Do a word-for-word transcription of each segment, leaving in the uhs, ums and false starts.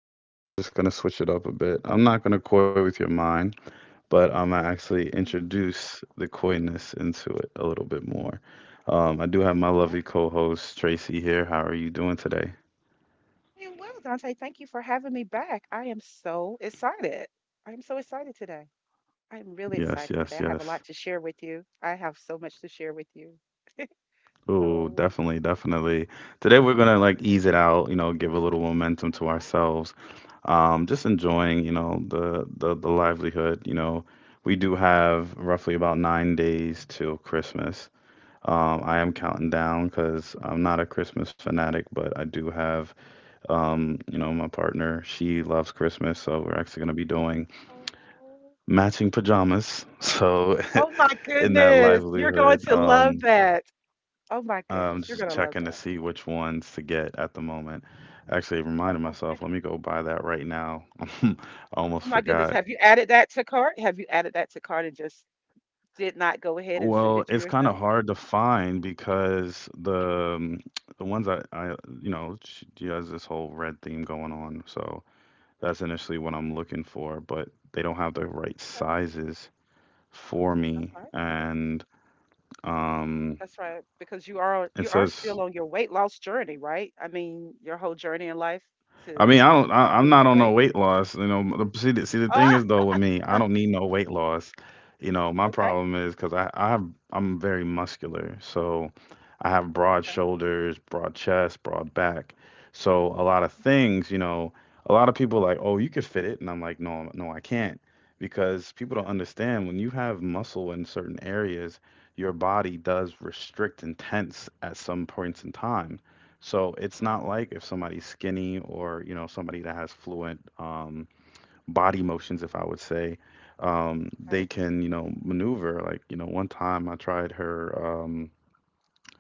Matter of fact, we're just going to switch it up a bit. I'm not going to coy with your mind, but I'm going to Mm. actually introduce the coyness into it a little bit more. Um, I do have my lovely co host, Tracy, here. How are you doing today? I am well, Dante. Thank you for having me back. I am so excited. I am so excited today. I am really Yes, excited yes, today. I yes. have a lot to share with you. I have so much to share with you. Ooh, So, definitely, definitely. Today we're gonna yes, like okay. ease it out, you know, give a little momentum to ourselves. Um, just enjoying, you know, the the the livelihood. You know, we do have roughly about nine days till Christmas. Um, I am Mm. counting down because I'm not a Christmas fanatic, but I do have, um, you know, my partner. She loves Christmas, so we're actually gonna be doing Oh matching pajamas. So oh my in that goodness. You're going livelihood, to love um. that. Oh my I'm goodness. You're just going to love checking to that. see which ones to get at the moment. Actually, reminded Oh myself, let me go buy that right now. I oh almost my goodness. forgot. Have you added that to cart? Have you added that to cart and just did not Well, go it's ahead kind and of send it hard to to yourself? find because the um, the ones I, I you know, she, she has this whole red theme going on, so that's initially what I'm Right. looking for, but they don't have the right sizes for Okay. me, and That's um, right, because you are you are it still on your says. weight loss journey, right? I mean, your whole journey in life I to mean, I don't. to I, I'm lose not on no weight. weight loss. You know, the- see the see the thing Ah, is though with me, I don't need no weight loss. You know, my okay, problem is because I I have I'm very muscular, so I have broad okay, shoulders, broad chest, broad back. So a lot of okay, things, you know, a lot of people like, oh, you could fit it, and I'm like, no, no, I can't, because people don't yeah, understand when you have muscle in certain areas, your body does restrict and tense at some points in okay, time. So it's uh-huh, not like if somebody's skinny or, you know, somebody that has fluent um, body motions, if I would say, um, they okay, can, you know, maneuver. Like, you know, one time I tried her um,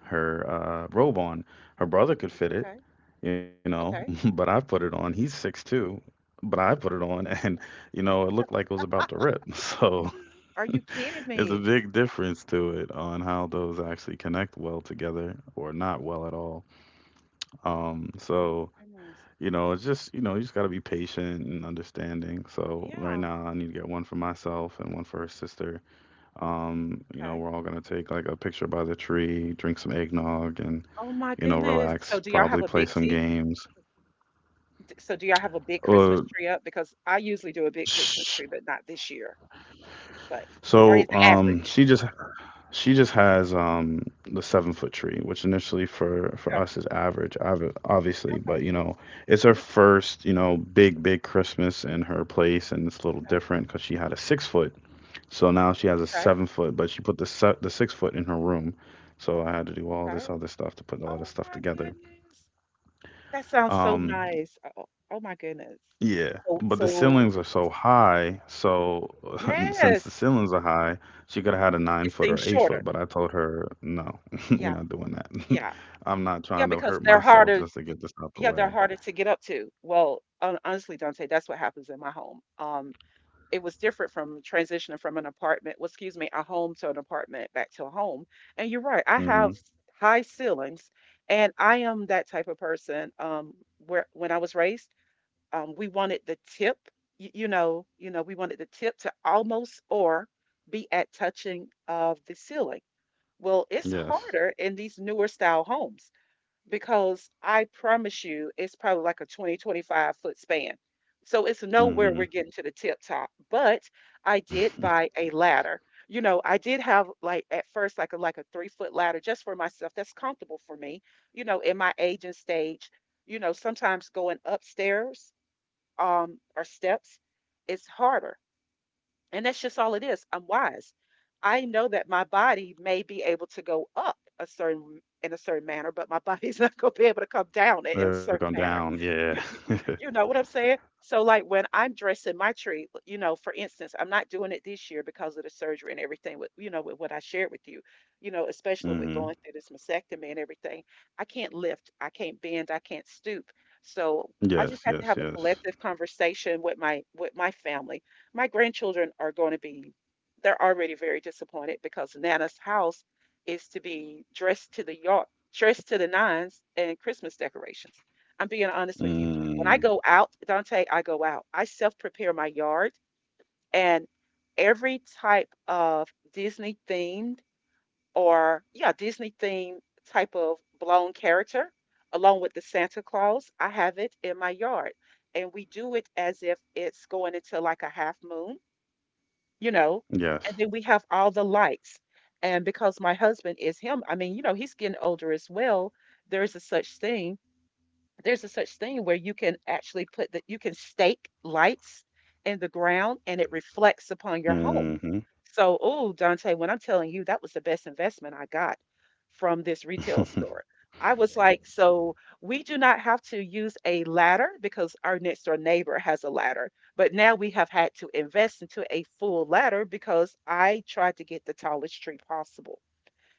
her uh, robe on. Her brother could fit it, okay, you know, but okay. I put it on. He's six two, but I put it on and, you know, it looked like it was about to Ah, rip. So are you kidding it's a me? big difference to it on how those actually connect well together or not well at all. Um, Oh my so. goodness. You know, it's just, you know, you just got to be patient and understanding. So right Yeah. now I need to get one for myself and one for her sister. Um, you know, Okay. we're all gonna take like a picture by the tree, drink some eggnog and, Oh my you know, goodness. relax, So do y'all probably have a play big some tea? games. D- So do y'all have a big Uh, Christmas tree up? Because I usually do a big Christmas sh tree, but not this year. But Or is so it um average? she just she just has um the seven foot tree, which initially for for Okay. us is average, obvi- obviously, Okay. but you know, it's her Okay. first, you know, big, big Christmas in her place, and it's a little Okay. different because she had a six foot. So now she has a Okay. seven foot, but she put the se- the six foot in her room. So I had to do all Okay. this other stuff to put all this Oh stuff my together. goodness. That sounds so Um, nice. Oh, oh my goodness. yeah, So, but the so ceilings are so high. So since the yes, ceilings are high, she could have had a nine it foot seems or eight foot. shorter. But I told her, no, we're Yeah, not doing that. yeah, I'm not yeah, trying to because hurt they're myself harder. just to y- get this out the Yeah, they're way. harder to get up to. Well, hon- honestly, Dante, that's what happens in my home. Um, it was different from transitioning from an apartment, well, excuse me, a home to an apartment back to a home. And you're right, I have Hmm. high ceilings, and I am that type of person. Um, where when I was raised. Um, we wanted the tip, y- you know, you know, we wanted the tip to almost or be at touching of the ceiling. Well, it's Yes. harder in these newer style homes because I promise you it's probably like a twenty twenty five foot span. So it's nowhere we're Hmm. getting to the tip top. But I did buy a ladder. You know, I did have, like, at first, like, a like a three foot ladder just for myself. That's comfortable for me, you know, in my age and stage, you know, sometimes going upstairs, um, or steps, it's harder. And that's just all it is. I'm wise. I know that my body may be able to go up a certain in a certain manner, but my body's not going to be able to come down in in a They'll certain go manner. down. Yeah. You, you, you know what I'm saying? So, like when I'm dressing my tree, you know, for instance, I'm not doing it this year because of the surgery and everything, with, you know, with what I shared with you, you know, especially with going Hmm. through this mastectomy and everything. I can't lift, I can't bend, I can't stoop. So, I just have Yes. to have a Yes. Yes. collective conversation with my with my family. My grandchildren are going to be — they're already very disappointed because Nana's house is to be dressed to the yard, dressed to the nines and Christmas decorations. I'm being honest with you. When I Mm, go out, Dante, I go out. I self prepare my yard, and every type of Disney themed, or, yeah, Disney themed type of blown character, along with the Santa Claus, I have it in my yard. And we do it as if it's going into like a half moon, you know yes. and then we have all the lights. And because my husband is him, I mean, you know he's getting older as well, there is a such thing there's a such thing where you can actually put that you can stake lights in the ground, and it reflects upon your home. Mhm. So, oh, Dante, when I'm telling you, that was the best investment I got from this retail store. I was like, so we do not have to use a ladder because our next door neighbor has a ladder. But now we have had to invest into a full ladder because I tried to get the tallest tree possible.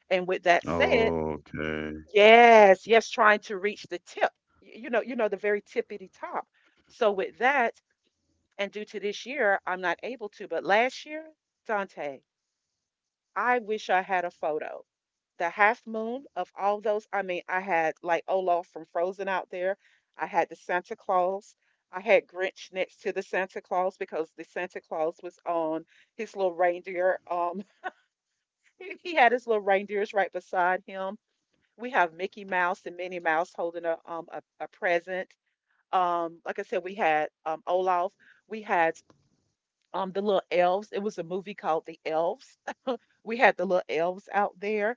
And with that said, Okay. yes, yes, trying to reach the tip, y- you know, you know, the very tippity top. So with that, and due to this year, I'm not able to, but last year, Dante, I wish I had a photo. The half moon of all those — I mean, I had like Olaf from Frozen out there. I had the Santa Claus. I had Grinch next to the Santa Claus because the Santa Claus was on his little reindeer. Um, he had his little reindeers right beside him. We have Mickey Mouse and Minnie Mouse holding a um a, a present. Um, like I said, we had um Olaf. We had um the little elves. It was a movie called The Elves. We had the little elves out there.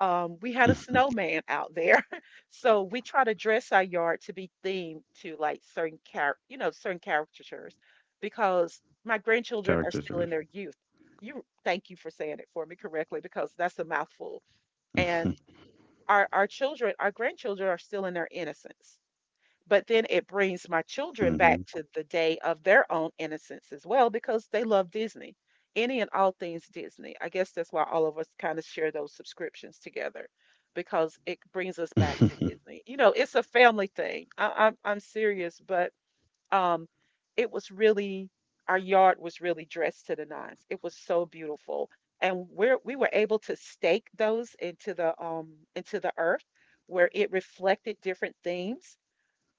Um, we had a snowman out there. So we try to dress our yard to be themed to like certain char- you know, certain caricatures because Character my driven. grandchildren are still in their youth. You Thank you for saying it for me correctly because that's a mouthful. And our our children, our grandchildren are still in their innocence. But then it brings my Mhm. children back to the day of their own innocence as well because they love Disney. Any and all things Disney. I guess that's why all of us kind of share those subscriptions together because it brings us back to Disney. You know, it's a family thing. I, I'm I'm serious, but um, it was really — our yard was really dressed to the nines. It was so beautiful, and we're we were able to stake those into the um into the earth, where it reflected different themes,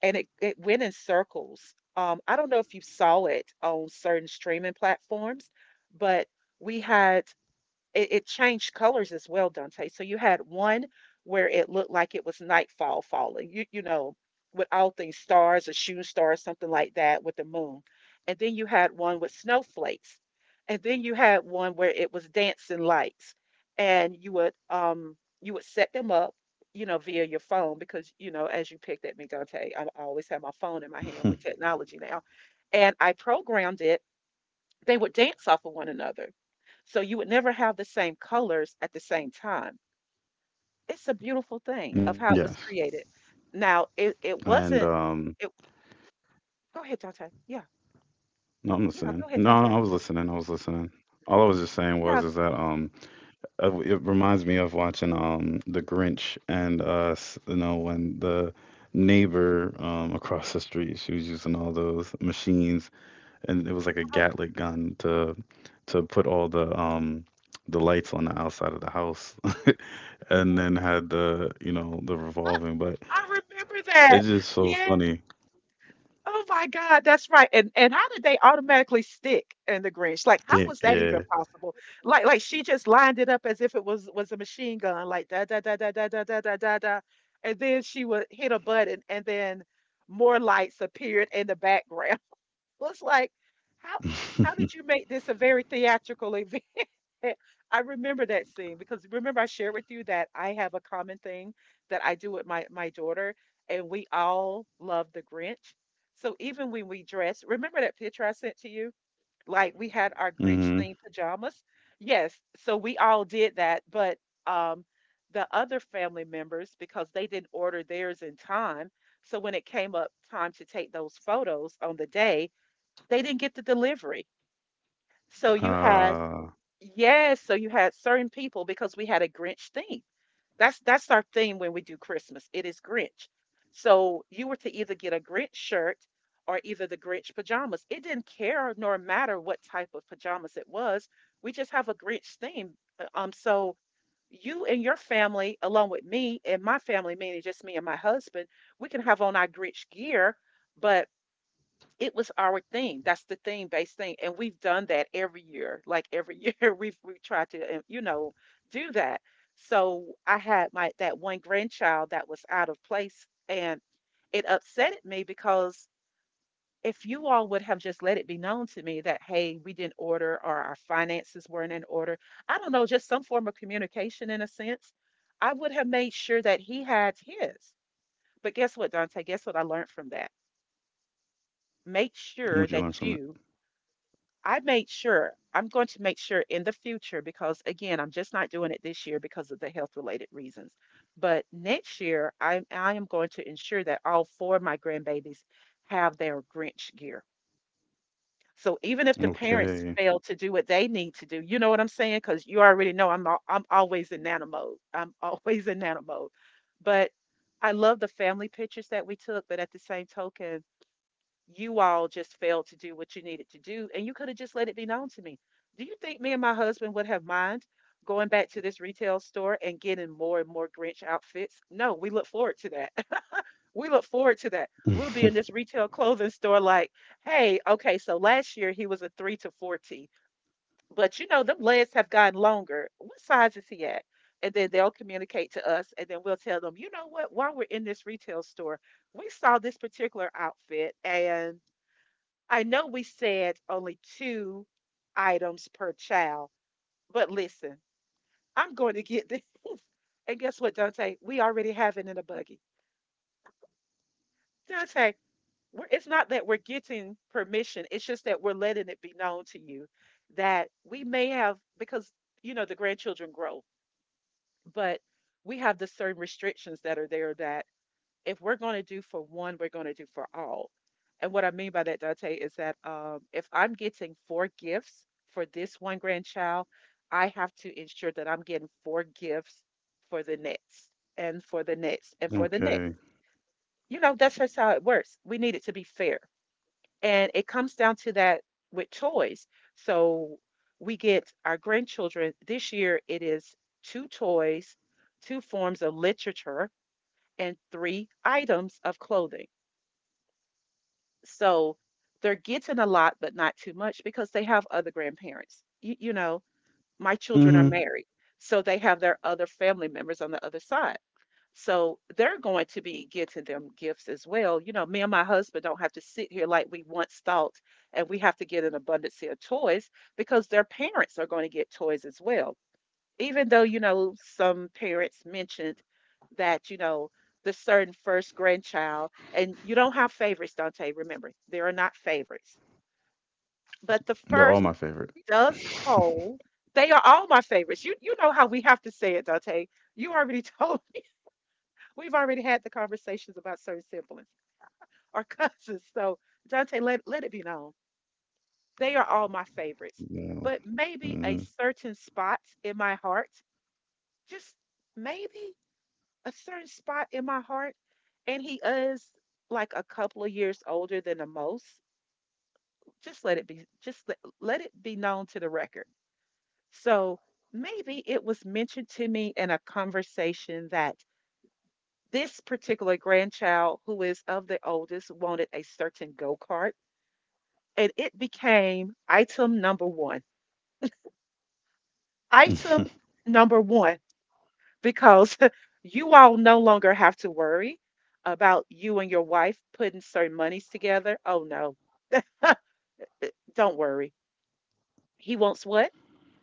and it it went in circles. Um, I don't know if you saw it on certain streaming platforms, but we had it, it changed colors as well, Dante. So you had one where it looked like it was nightfall falling, you, you know, with all things stars, a shooting star, something like that, with the moon. And then you had one with snowflakes. And then you had one where it was dancing lights. And you would um you would set them up, you know, via your phone because, you know, as you picked at me, Dante, I I always have my phone in my hand with technology now. And I programmed it, they would dance off of one another. So you would never have the same colors at the same time. It's a beautiful thing Yes. of how it was created. Now, it, And it um wasn't it go ahead, Dante. Yeah. no, I'm listening. Yeah, go ahead, No, no, I was Dante. listening. I was listening. All I was just saying was Yeah, is that um uh, it reminds me of watching um The Grinch. And uh s- you know when the neighbor um across the street, she was using all those machines, and it was like a so, Gatling gun to to put all the um the lights on the outside of the house, and yeah. then had, the you know the revolving, but I remember that. it's just so Yes. funny. Oh my God, that's right. And and how did they automatically stick in the Grinch? Like, how Damn, was that even yeah. possible? Like, like she just lined it up as if it was was a machine gun, like da da da da da da da da da da. And then she would hit a button and then more lights appeared in the background. It was like, how how did you make this a very theatrical event? Eh, I remember that scene because remember I shared with you that I have a common thing that I do with my my daughter, and we all love the Grinch. So even when we dress, remember that picture I sent to you? Like we had our Mm-hmm. Grinch themed pajamas. Yes, so we all did that, but um the other family members, because they didn't order theirs in time. So when it came up time to take those photos on the day, they didn't get the delivery. So you had — Ah. yes, so you had certain people because we had a Grinch theme. That's that's our theme when we do Christmas. It is Grinch. So you were to either get a Grinch shirt or either the Grinch pajamas. It didn't care nor matter what type of pajamas it was. We just have a Grinch theme. Uh, Um, so you and your family, along with me and my family, meaning just me and my husband, we can have on our Grinch gear, but it was our thing. That's the theme-based thing, and we've done that every year. Like, every year, we've we tried to, uh, you know, do that. So, I had my that one grandchild that was out of place, and it upsetted me because if you all would have just let it be known to me that, "Hey, we didn't order," or, "Our finances weren't in order," I don't know, just some form of communication in a sense, I would have made sure that he had his. But guess what, Dante? Guess what I learned from that? Make What'd you learn sure from it? that you — I made sure, I'm going to make sure in the future, because again, I'm just not doing it this year because of the health related reasons. But next year, I, I am going to ensure that all four of my grandbabies have their Grinch gear. So even if the Okay. parents fail to do what they need to do, you know what I'm saying? Because you already know I'm al- I'm always in nano mode. I'm always in nano mode. But I love the family pictures that we took. But at the same token, you all just failed to do what you needed to do and you could have just let it be known to me. Do you think me and my husband would have mind going back to this retail store and getting more and more grinch outfits? No, we look forward to that. We look forward to that. We'll be in this retail clothing store like, hey, okay, so last year he was a three to forty. But you know them legs have gotten longer. What size is he at? And then they'll communicate to us, and then we'll tell them, you know what, while we're in this retail store, we saw this particular outfit, and I know we said only two items per child, but listen, I'm going to get this. And guess what, Dante? We already have it in a buggy. Dante, we're, it's not that we're getting permission, it's just that we're letting it be known to you that we may have, because, you know, the grandchildren grow, but we have the certain restrictions that are there that. If we're going to do for one, we're going to do for all. And what I mean by that, Dante, is that um, if I'm getting four gifts for this one grandchild, I have to ensure that I'm getting four gifts for the next, and for the next, and for the next. Okay. You know, that's just how it works. We need it to be fair. And it comes down to that with toys. So we get our grandchildren this year, it is two toys, two forms of literature, and three items of clothing. So they're getting a lot, but not too much because they have other grandparents. You, you know, my children are Hmm. married, so they have their other family members on the other side. So they're going to be getting them gifts as well. You know, me and my husband don't have to sit here like we once thought, and we have to get an abundance of toys because their parents are going to get toys as well, even though, you know, some parents mentioned that, you know, the certain first grandchild, and you don't have favorites, Dante. Remember, there are not favorites, but the They're all my first favorite. does hold. They are all my favorites. You you know how we have to say it, Dante. You already told. We've already had the conversations about certain siblings or cousins. So, Dante, let, let it be known, they are all my favorites. Yeah. But maybe Hmm. a certain spot in my heart, just maybe a certain spot in my heart, and he is like a couple of years older than the most. Just let it be, just let, let it be known to the record. So maybe it was mentioned to me in a conversation that this particular grandchild, who is of the oldest, wanted a certain go kart, and it became item number one. Item number one because you all no longer have to worry about you and your wife putting certain monies together. Oh no, don't worry. He wants what?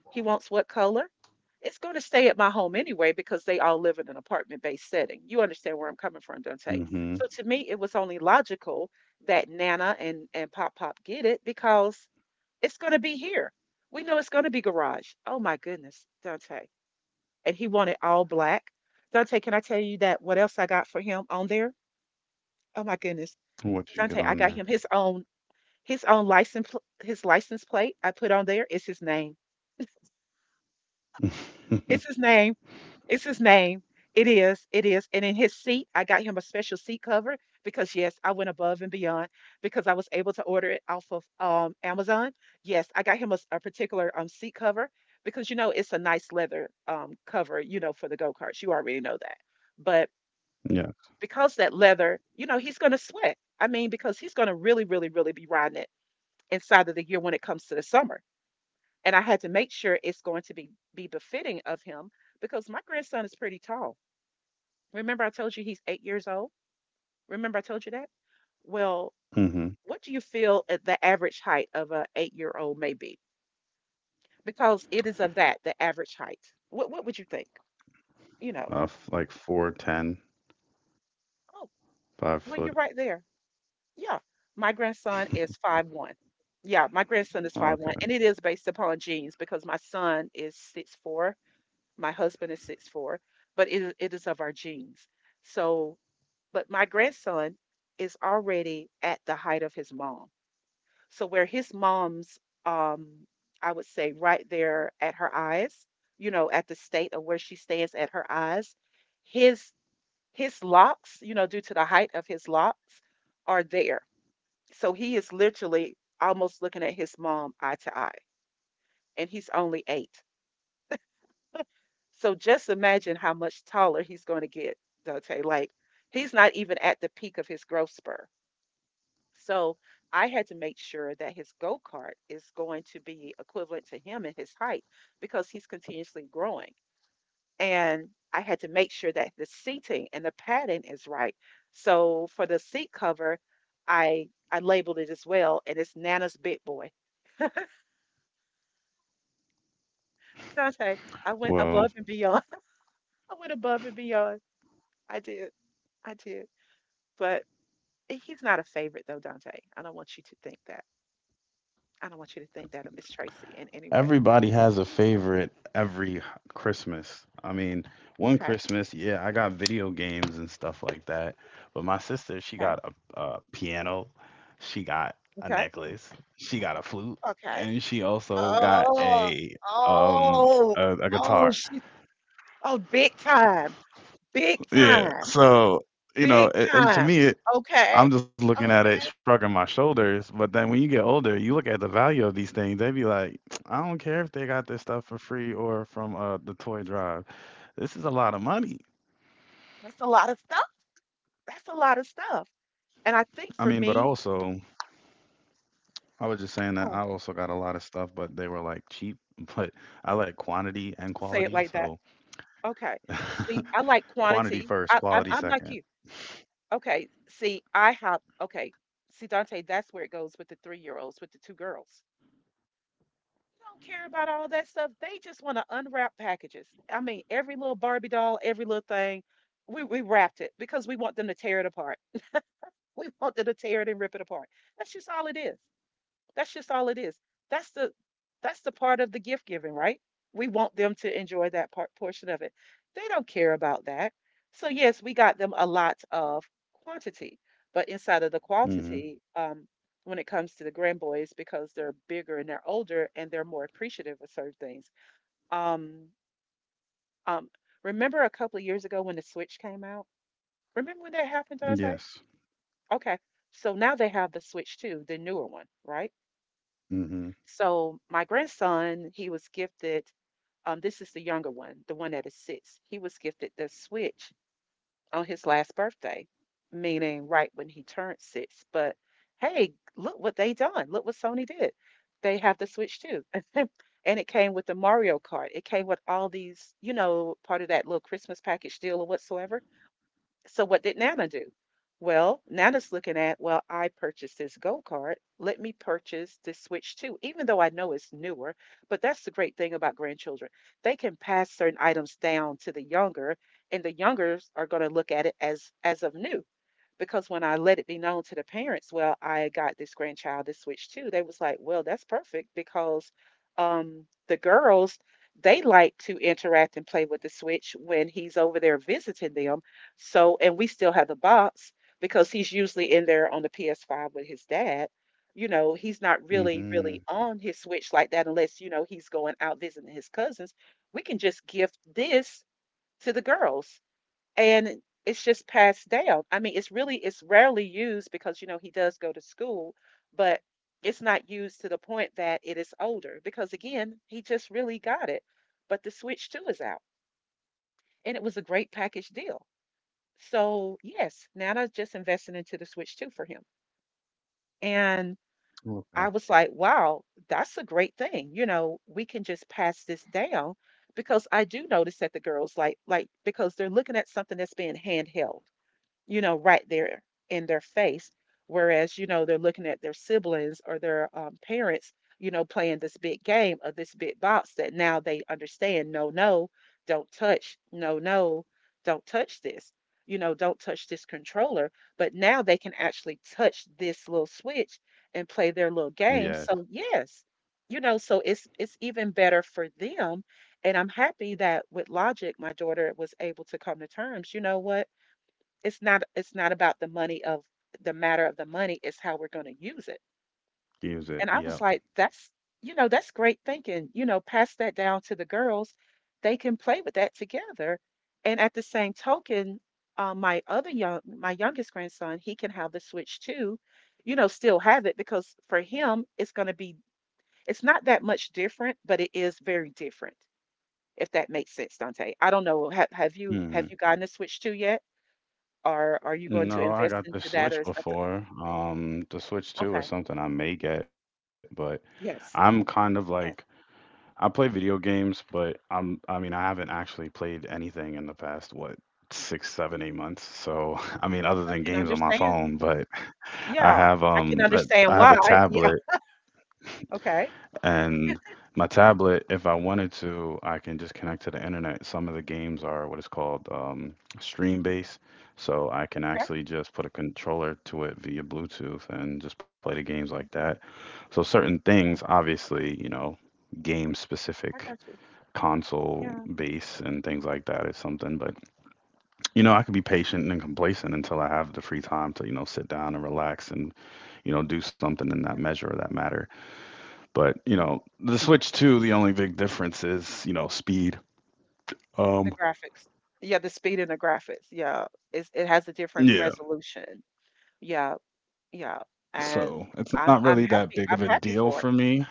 He wants what color? It's going to stay at my home anyway because they all live in an apartment based setting. You understand where I'm coming from, Dante. Hmm. So to me, it was only logical that Nana and, and Pop Pop get it because it's going to be here. We know it's going to be garage. Oh my goodness, Dante, and he wanted all black. Dante, can I tell you that what else I got for him on there? Oh my goodness. What you get Dante, I on got him his own his own license pl- his license plate I put on there is his name. there? It's his name. It's his name. It is. It is. And in his seat, I got him a special seat cover because yes, I went above and beyond because I was able to order it off of um, Amazon. Yes, I got him a, s- a particular um, seat cover because you know it's a nice leather um, cover, you know, for the go karts. You already know that. But Yeah. because that leather, you know, he's going to sweat. I mean, because he's going to really, really, really be riding it inside of the year when it comes to the summer. And I had to make sure it's going to be be befitting of him because my grandson is pretty tall. Remember, I told you he's eight years old. Remember, I told you that. Well, Hmm. what do you feel at the average height of an eight year old may be? Because it is of that the average height. What what would you think? You know? Uh, f- like four ten Oh, five well, you're foot right there. Yeah, my grandson is five one. Yeah, my grandson is five one, Okay. and it is based upon genes because my son is six four, my husband is six four, but it it is of our genes. So, but my grandson is already at the height of his mom. So where his mom's, um, I would say right there at her eyes, you know, at the state of where she stands at her eyes, his his locks, you know, due to the height of his locks, are there. So he is literally almost looking at his mom eye to eye, and he's only eight. So just imagine how much taller he's going to get, Dante. Like he's not even at the peak of his growth spur. So I had to make sure that his go kart is going to be equivalent to him in his height because he's continuously growing. And I had to make sure that the seating and the padding is right. So for the seat cover, I I labeled it as well, and it's Nana's Big Boy. Dante, I went Well, above and beyond. I went above and beyond. I did. I did. But he's not a favorite, though, Dante. I don't want you to think that. I don't want you to think that of Miss Tracy in any way. everybody has a favorite every Christmas. I mean, one Okay. Christmas, yeah, I got video games and stuff like that. But my sister, she Okay. got a, a piano, she got a Okay. necklace, she got a flute, Okay. and she also got Oh. a um Oh. a, a Oh. guitar. She. Oh, big time. Big Yeah. time. So, you know, Big it, and to time. me, I'm Okay. just looking at it, Okay. shrugging my shoulders. But then when you get older, you look at the value of these things. They be like, I don't care if they got this stuff for free or from uh, the toy drive. This is a lot of money. That's a lot of stuff. That's a lot of stuff. And I think I for mean, but me, also, I was just saying that I oh, also got a lot of stuff, but they were like cheap. But I like quantity and don't say it quality. like that. So Okay. See, I like quantity quantity. first, I, I'm, quality I'm like second. you. Okay. See, I have, okay. See, Dante, that's where it goes with the three-year-olds, with the two girls. They don't care about all that stuff. They just want to unwrap packages. I mean, every little Barbie doll, every little thing, we, we wrapped it because we want them to tear it apart. We want them to tear it and rip it apart. That's just all it is. That's just all it is. That's the that's the part of the gift giving, right? We want them to enjoy that part portion of it. They don't care about that. So yes, we got them a lot of quantity, but inside of the Hmm. quantity, um, when it comes to the grand boys, because they're bigger and they're older and they're more appreciative of certain things. Um, um, remember a couple of years ago when the Switch came out? Remember when that happened, Dante? Yes. Okay, so now they have the Switch too, the newer one, right? Hmm. So my grandson, he was gifted. Um, this is the younger one, the one that is six. He was gifted the Switch on his last birthday, meaning right when he turned six. But hey, look what they done. Look what Sony did. They have the Switch too. And it came with the Mario Kart. It came with all these, you know, part of that little Christmas package deal or whatsoever. So what did Nana do? Well, Nana's looking at, well, I purchased this Go card. Let me purchase this Switch too, even though I know it's newer. But that's the great thing about grandchildren. They can pass certain items down to the younger, and the youngers are going to look at it as as of new because when I let it be known to the parents, well, I got this grandchild this switch too, they was like, well, that's perfect because um, the girls, they like to interact and play with the switch when he's over there visiting them. So, and we still have the box because he's usually in there on the P S five with his dad. You know, he's not really, Hmm. really on his switch like that unless, you know, he's going out visiting his cousins. We can just gift this to the girls and it's just passed down. I mean, it's really it's rarely used because you know he does go to school, but it's not used to the point that it is older because again, he just really got it. But the Switch two is out and it was a great package deal. So, yes, Nana's just invested into the Switch two for him. And I Okay. was like, wow, that's a great thing. You know, we can just pass this down because I do notice that the girls like like because they're looking at something that's being handheld, you know, right there in their face. Whereas, you know, they're looking at their siblings or their um, parents, you know, playing this big game of this big box that now they understand. No, no, don't touch. No, no, don't touch this, you know, don't touch this controller. But now they can actually touch this little switch and play their little game. Yes. So, yes, you know, so it's it's even better for them. And I'm happy that with Logic, my daughter was able to come to terms. You know what? It's not it's not about the money of the matter of the money, it's how we're gonna use it. Use it. And I was Yep. like, that's, you know, that's great thinking. You know, pass that down to the girls. They can play with that together. And at the same token, uh, my other young my youngest grandson, he can have the Switch too, you know, still have it because for him it's gonna be, it's not that much different, but it is very different, if that makes sense, Dante. I don't know. Have, have you have you Mhm. gotten a Switch too yet? Are are you going to No, I invest got the into that or Switch is that the— before. Um, the Switch two Okay. is something I may get, but I'm Yes. kind of like, Yes. I play video games, but I'm I mean I haven't actually played anything in the past what, six, seven, eight months. So I mean, other I than can games on my understand. phone. But I Yeah. have I can um I, understand I have why. a Yeah. tablet, Okay. and my tablet, if I wanted to, I can just connect to the internet. Some of the games are what is called um, stream based, so I can Okay. actually just put a controller to it via Bluetooth and just play the games like that. So certain things, Okay. obviously, you know, game I specific, got you. console Yeah. base and things like that is something. But you know, I could be patient and complacent until I have the free time to you know sit down and relax and you know do something in that Yeah. measure or that matter. But, you Yeah. know, the Switch two, the only big difference is, you know, speed. The Um, graphics. Yeah, the speed and the graphics. Yeah. It's, it has a different yeah, resolution. Yeah. Yeah. And so it's I'm not I'm really that happy. big of I'm a happy deal for it. for me.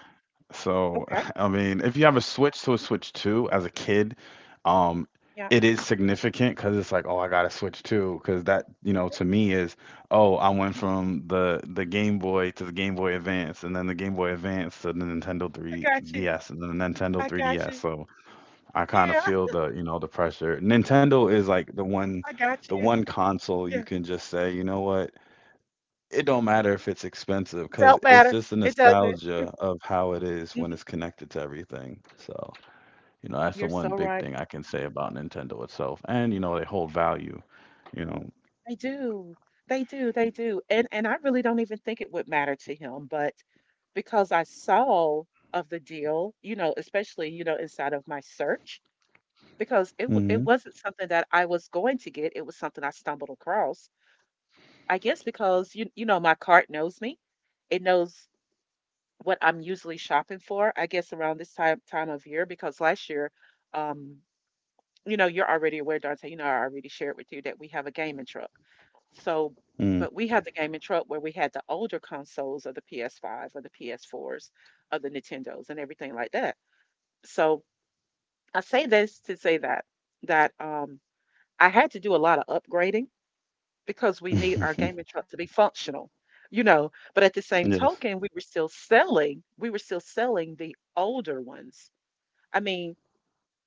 So, Okay. I mean, if you have a Switch to a Switch two as a kid, um, Yeah. it is significant because it's like, oh, I got a Switch two, because that, you know, to me is, oh, I went from the the Game Boy to the Game Boy Advance, and then the Game Boy Advance to the Nintendo I got you. three D S, and then the Nintendo I got three D S. you. So I kind of Yeah, feel the, you know, the pressure. Nintendo is like the one I got the you. one console you Yeah. can just say, you know what? It don't matter if it's expensive It because don't it's matter. just the It doesn't. nostalgia of how it is when Hmm. it's connected to everything. So, you know, that's the You're one so big right. thing I can say about Nintendo itself. And, you know, they hold value, you know. They do. They do. They do. And and I really don't even think it would matter to him, but because I saw of the deal, you know, especially, you know, inside of my search, because it w- it Mm-hmm. wasn't something that I was going to get, it was something I stumbled across. I guess because you you know, my cart knows me. It knows what I'm usually shopping for, I guess around this time time of year because last year, um you know, you're already aware, Dante. You know, I already shared with you that we have a gaming truck. So, but we have the gaming truck where we had the older consoles, of the PS five s or the P S four s, of the Nintendos and everything like that. So I say this to say that that um, I had to do a lot of upgrading because we need our Mm. gaming truck to be functional, you know. But at the same Yes. token, we were still selling. We were still selling the older ones. I mean,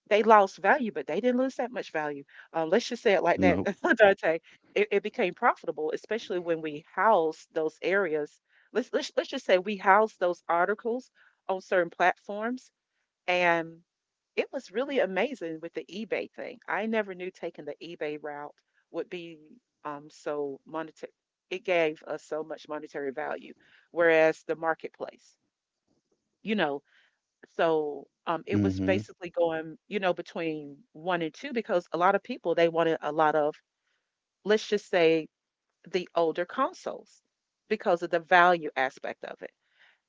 they lost value, but they didn't lose that much value. Um, let's just say it like that, Nope. Dante. It, it became profitable, especially when we housed those areas. Let's, let's let's just say we housed those articles on certain platforms, and it was really amazing with the eBay thing. I never knew taking the eBay route would be, um, so monetary. It gave us so much monetary value, whereas the marketplace, you know, so, um, it was Mm-hmm. basically going, you know, between one and two because a lot of people they wanted a lot of, let's just say, the older consoles because of the value aspect of it.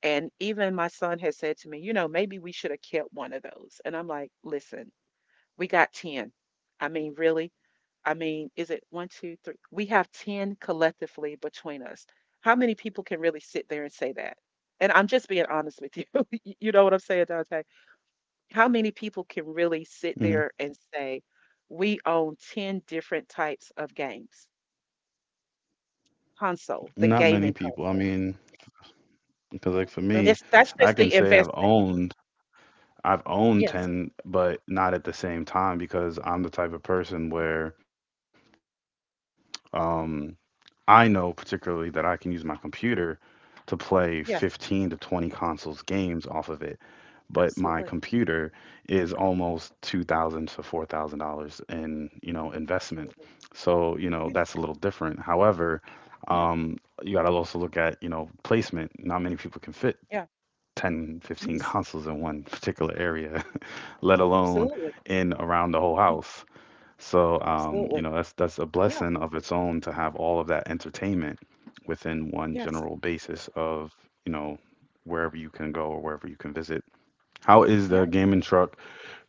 And even my son has said to me, you know, maybe we should have kept one of those. And I'm like, listen, we got ten. I mean, really? I mean, is it one, two, three? We have ten collectively between us. How many people can really sit there and say that? And I'm just being honest with you. You know what I'm saying, Dante? How many people can really sit Mm-hmm. there and say, we own ten different types of games, console, the Not many gaming people. I consoles? mean, because like for And me, that's, that's I just can the say I've investment. owned I've owned Yes. ten, but not at the same time because I'm the type of person where, um, I know particularly that I can use my computer to play fifteen to twenty Yes. consoles games off of it. But my computer Absolutely. is almost two thousand to four thousand dollars in, you know, investment. Absolutely. So, you know, Yes. that's a little different. However, Yeah. um, you got to also look at, you know, placement. Not many people can fit Yeah. ten, fifteen Yes. consoles in one particular area, let alone Absolutely. in around the whole Mm. house. So um, you Absolutely. know, that's that's a Yeah. blessing of its own to have all of that entertainment within one Yes. general basis of, you know, wherever you can go or wherever you can visit. How is Yeah. the gaming truck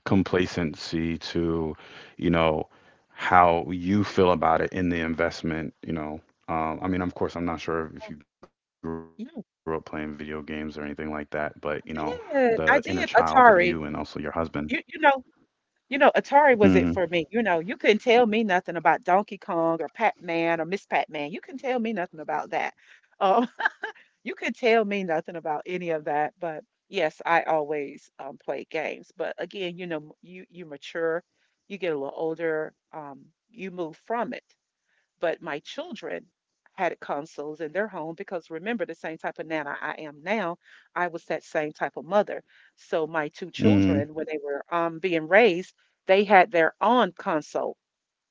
complacency to, you know, how you feel about it, in the investment, you know? Um, I mean, of course, I'm not sure if you grew up playing video games Yeah. or anything like that, but you know, the I inner child of did. I you and did. also your husband. Atari. You, you know, you know, Hmm. Atari was it for me. You know, you couldn't tell me nothing about Donkey Kong or Pac-Man or Miss Pac-Man. You couldn't tell me nothing about that. Um, you could tell me nothing about any of that. But yes, I always um, played games. But again, you know, m- you you mature, you get a little older, um, you move from it. But my children had consoles in their home because remember, the same type of nana I am now, I was that same type of mother. So my two children, when they were um, being raised, they had their own console.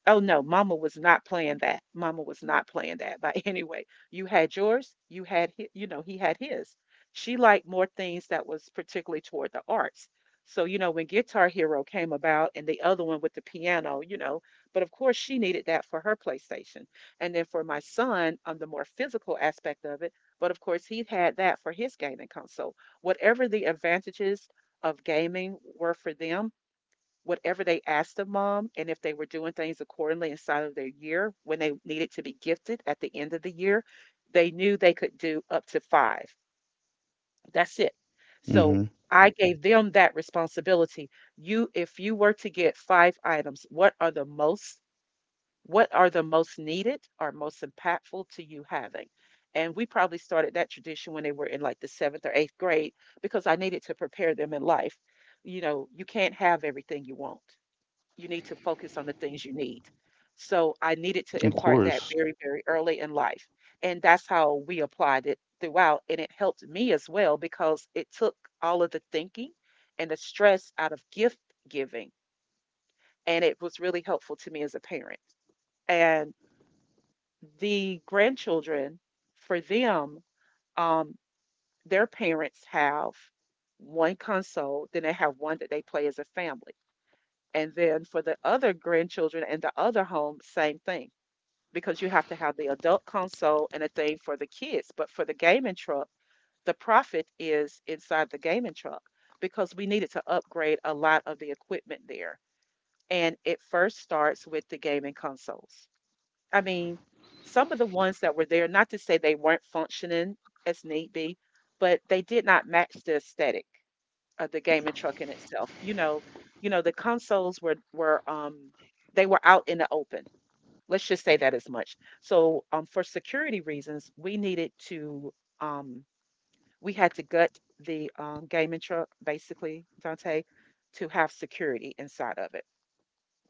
Oh no, mama was not playing that. Mama was not playing that by any way. You had yours, you had hi you know, he had his. She liked more things that was particularly toward the arts. So, you know, when Guitar Hero came about and the other one with the piano, you know, but of course she needed that for her PlayStation. And then for my son, on the more physical aspect of it, but of course he had that for his gaming console. Whatever the advantages of gaming were for them, whatever they asked of mom and if they were doing things accordingly inside of their year when they needed to be gifted at the end of the year, they knew they could do up to five. That's it. So Hmm. I gave them that responsibility. You, if you were to get five items, what are the most, what are the most needed or most impactful to you having? And we probably started that tradition when they were in like the seventh or eighth grade because I needed to prepare them in life. You know, you can't have everything you want, you need to focus on the things you need. So I Of needed to impart course. that very, very early in life. And that's how we applied it throughout. And it helped me as well because it took all of the thinking and the stress out of gift giving. And it was really helpful to me as a parent. And the grandchildren, for them, um, their parents have one console, then they have one that they play as a family. And then for the other grandchildren and the other home, same thing, because you have to have the adult console and a thing for the kids. But for the gaming truck, the profit is inside the gaming truck because we needed to upgrade a lot of the equipment there. And it first starts with the gaming consoles. I mean, some of the ones that were there, not to say they weren't functioning as need be, but they did not match the aesthetic of the gaming truck in itself. You know, you know, the consoles were were um they were out in the open. Let's just say that as much. So, um, for security reasons, we needed to, um, we had to gut the um, gaming truck, basically, Dante, to have security inside of it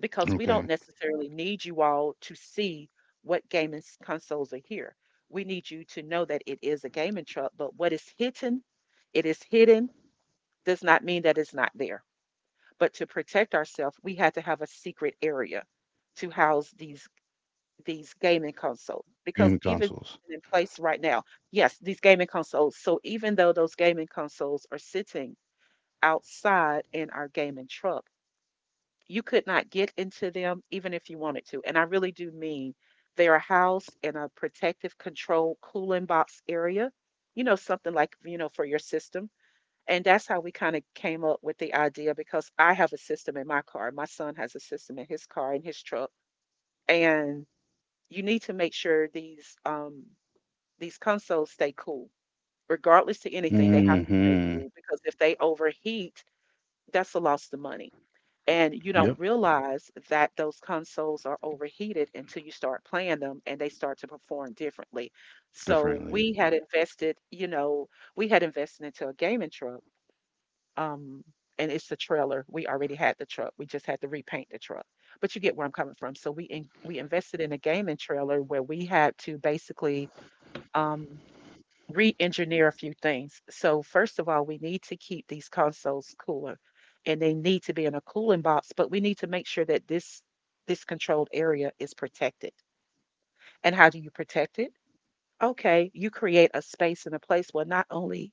because we don't Okay. necessarily need you all to see what gaming s- consoles are here. We need you to know that it is a gaming truck, but what is hidden, it is hidden, does not mean that it's not there. But to protect ourselves, we had to have a secret area to house these these gaming consoles because Gaming even consoles. in place right now, yes, these gaming consoles. So even though those gaming consoles are sitting outside in our gaming truck, you could not get into them even if you wanted to. And I really do mean they are housed in a protective control cooling box area, you know, something like, you know, for your system. And that's how we kind of came up with the idea because I have a system in my car. My son has a system in his car, in his truck. And you need to make sure these um, these consoles stay cool, regardless to anything. They have to stay Hmm. cool because if they overheat, that's a loss of money. And you don't Yep. realize that those consoles are overheated until you start playing them and they start to perform differently. So Differently. we had invested, you know, we had invested into a gaming truck. um and it's the trailer. We already had the truck, we just had to repaint the truck. But you get where I'm coming from. So we in, we invested in a gaming trailer where we had to basically um re-engineer a few things. So first of all, we need to keep these consoles cooler, and they need to be in a cooling box, but we need to make sure that this this controlled area is protected. And how do you protect it? Okay, you create a space and a place where not only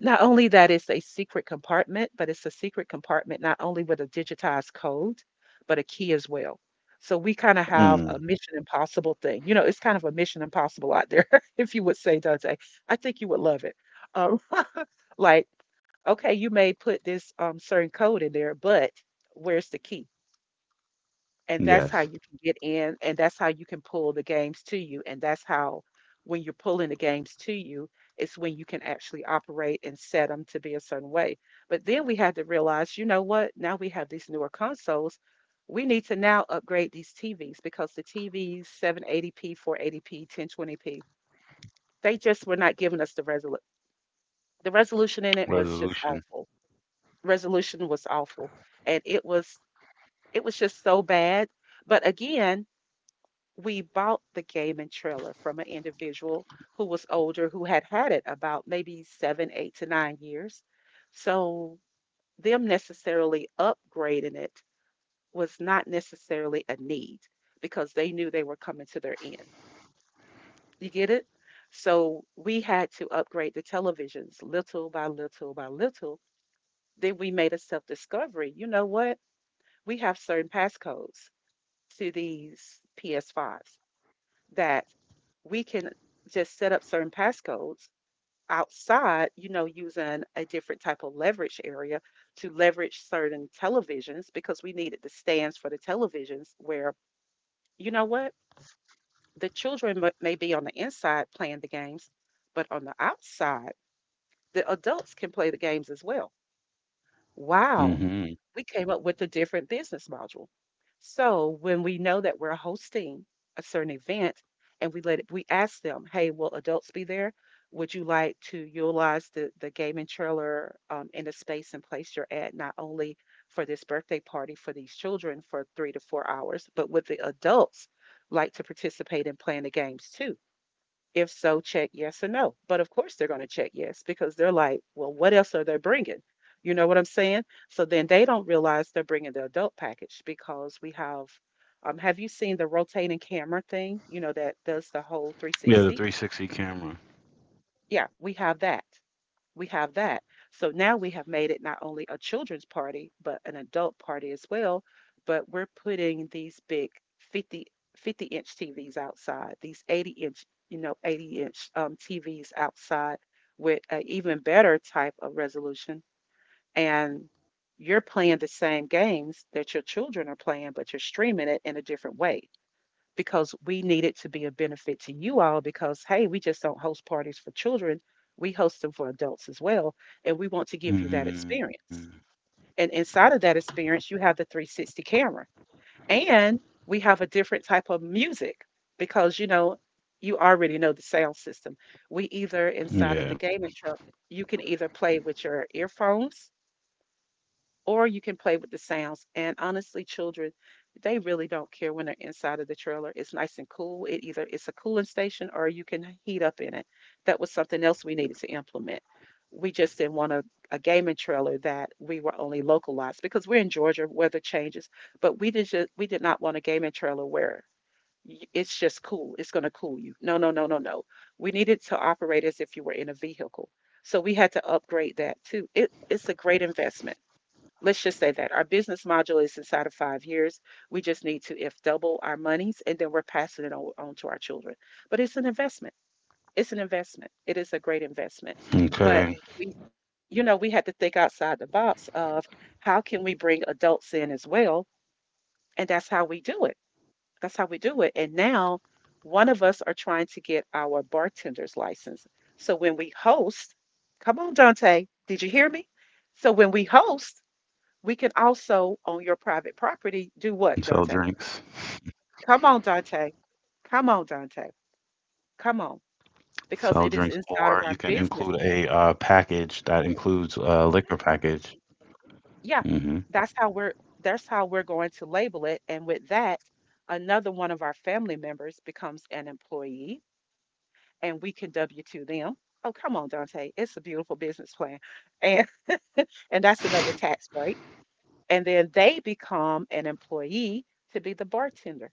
not only that it's a secret compartment, but it's a secret compartment not only with a digitized code, but a key as well. So we kind of have a Mm. Mission Impossible thing. You know, it's kind of a Mission Impossible out there, if you would say, Dante. I think you would love it. Um, like, okay, you may put this um, certain code in there, but where's the key? And that's how Yes. you can get in, and that's how you can pull the games to you, and that's how, when you're pulling the games to you, it's when you can actually operate and set them to be a certain way. But then we had to realize, you know what, now we have these newer consoles, we need to now upgrade these TVs, because the TVs, seven eighty p, four eighty p, ten twenty p, they just were not giving us the resolution. The resolution in it was just Resolution. awful. Resolution was awful. And it was, it was just so bad. But again, we bought the game and trailer from an individual who was older, who had had it about maybe seven, eight to nine years. So them necessarily upgrading it was not necessarily a need, because they knew they were coming to their end. You get it? So we had to upgrade the televisions little by little by little. Then we made a self discovery. You know what? We have certain passcodes to these P S fives. That we can just set up certain passcodes outside, you know, using a different type of leverage area to leverage certain televisions, because we needed the stands for the televisions, where, you know what, the children m- may be on the inside playing the games, but on the outside, the adults can play the games as well. Wow, Hmm. we came up with a different business module. So when we know that we're hosting a certain event, and we let it, we ask them, hey, will adults be there? Would you like to utilize the, the gaming trailer um, in the space and place you're at, not only for this birthday party for these children for three to four hours, but would the adults like to participate in playing the games too? If so, check yes or no. But of course, they're going to check yes, because they're like, well, what else are they bringing? You know what I'm saying? So then they don't realize they're bringing the adult package, because we have, um, have you seen the rotating camera thing? You know, that does the whole Yeah, the three sixty? three sixty camera. Yeah, we have that, we have that. So now we have made it not only a children's party, but an adult party as well. But we're putting these big fifty, fifty inch T Vs outside, these eighty inch, you know, eighty inch um, T Vs outside with an even better type of resolution. And you're playing the same games that your children are playing, but you're streaming it in a different way, because we need it to be a benefit to you all. Because hey, we just don't host parties for children, we host them for adults as well, and we want to give you that Hmm. experience. And inside of that experience, you have the three sixty camera, and we have a different type of music. Because you know, you already know the sound system, we either inside of Yeah. the gaming truck, you can either play with your earphones or you can play with the sounds. And honestly, children, they really don't care. When they're inside of the trailer, it's nice and cool. It either, it's a cooling station, or you can heat up in it. That was something else we needed to implement. We just didn't want a, a gaming trailer that we were only localized, because we're in Georgia, weather changes. But we did just, we did not want a gaming trailer where y- it's just cool. It's going to cool you. No, no, no, no, no. We needed to operate as if you were in a vehicle. So we had to upgrade that too. It, it's a great investment. Let's just say that our business module is inside of five years. We just need to, if double our monies, and then we're passing it on, on to our children. But it's an investment. It's an investment. It is a great investment. Okay. But we, you know, we had to think outside the box of, how can we bring adults in as well, and that's how we do it. That's how we do it. And now, one of us are trying to get our bartender's license. So when we host, come on, Dante, did you hear me? So when we host, Sell we drinks. can also, on your private property, do what, Dante? Come on, Dante. Come Sell on, drinks, Dante. or you can include Come on. a uh, Because package it is that inside of includes our a business. liquor package. Hmm. Yeah, that's how we're, that's how we're going to label it. And with that, another one of our family members becomes an employee, and we can W two them. Oh, come on, Dante. It's a beautiful business plan. And and that's another tax break. And then they become an employee to be the bartender.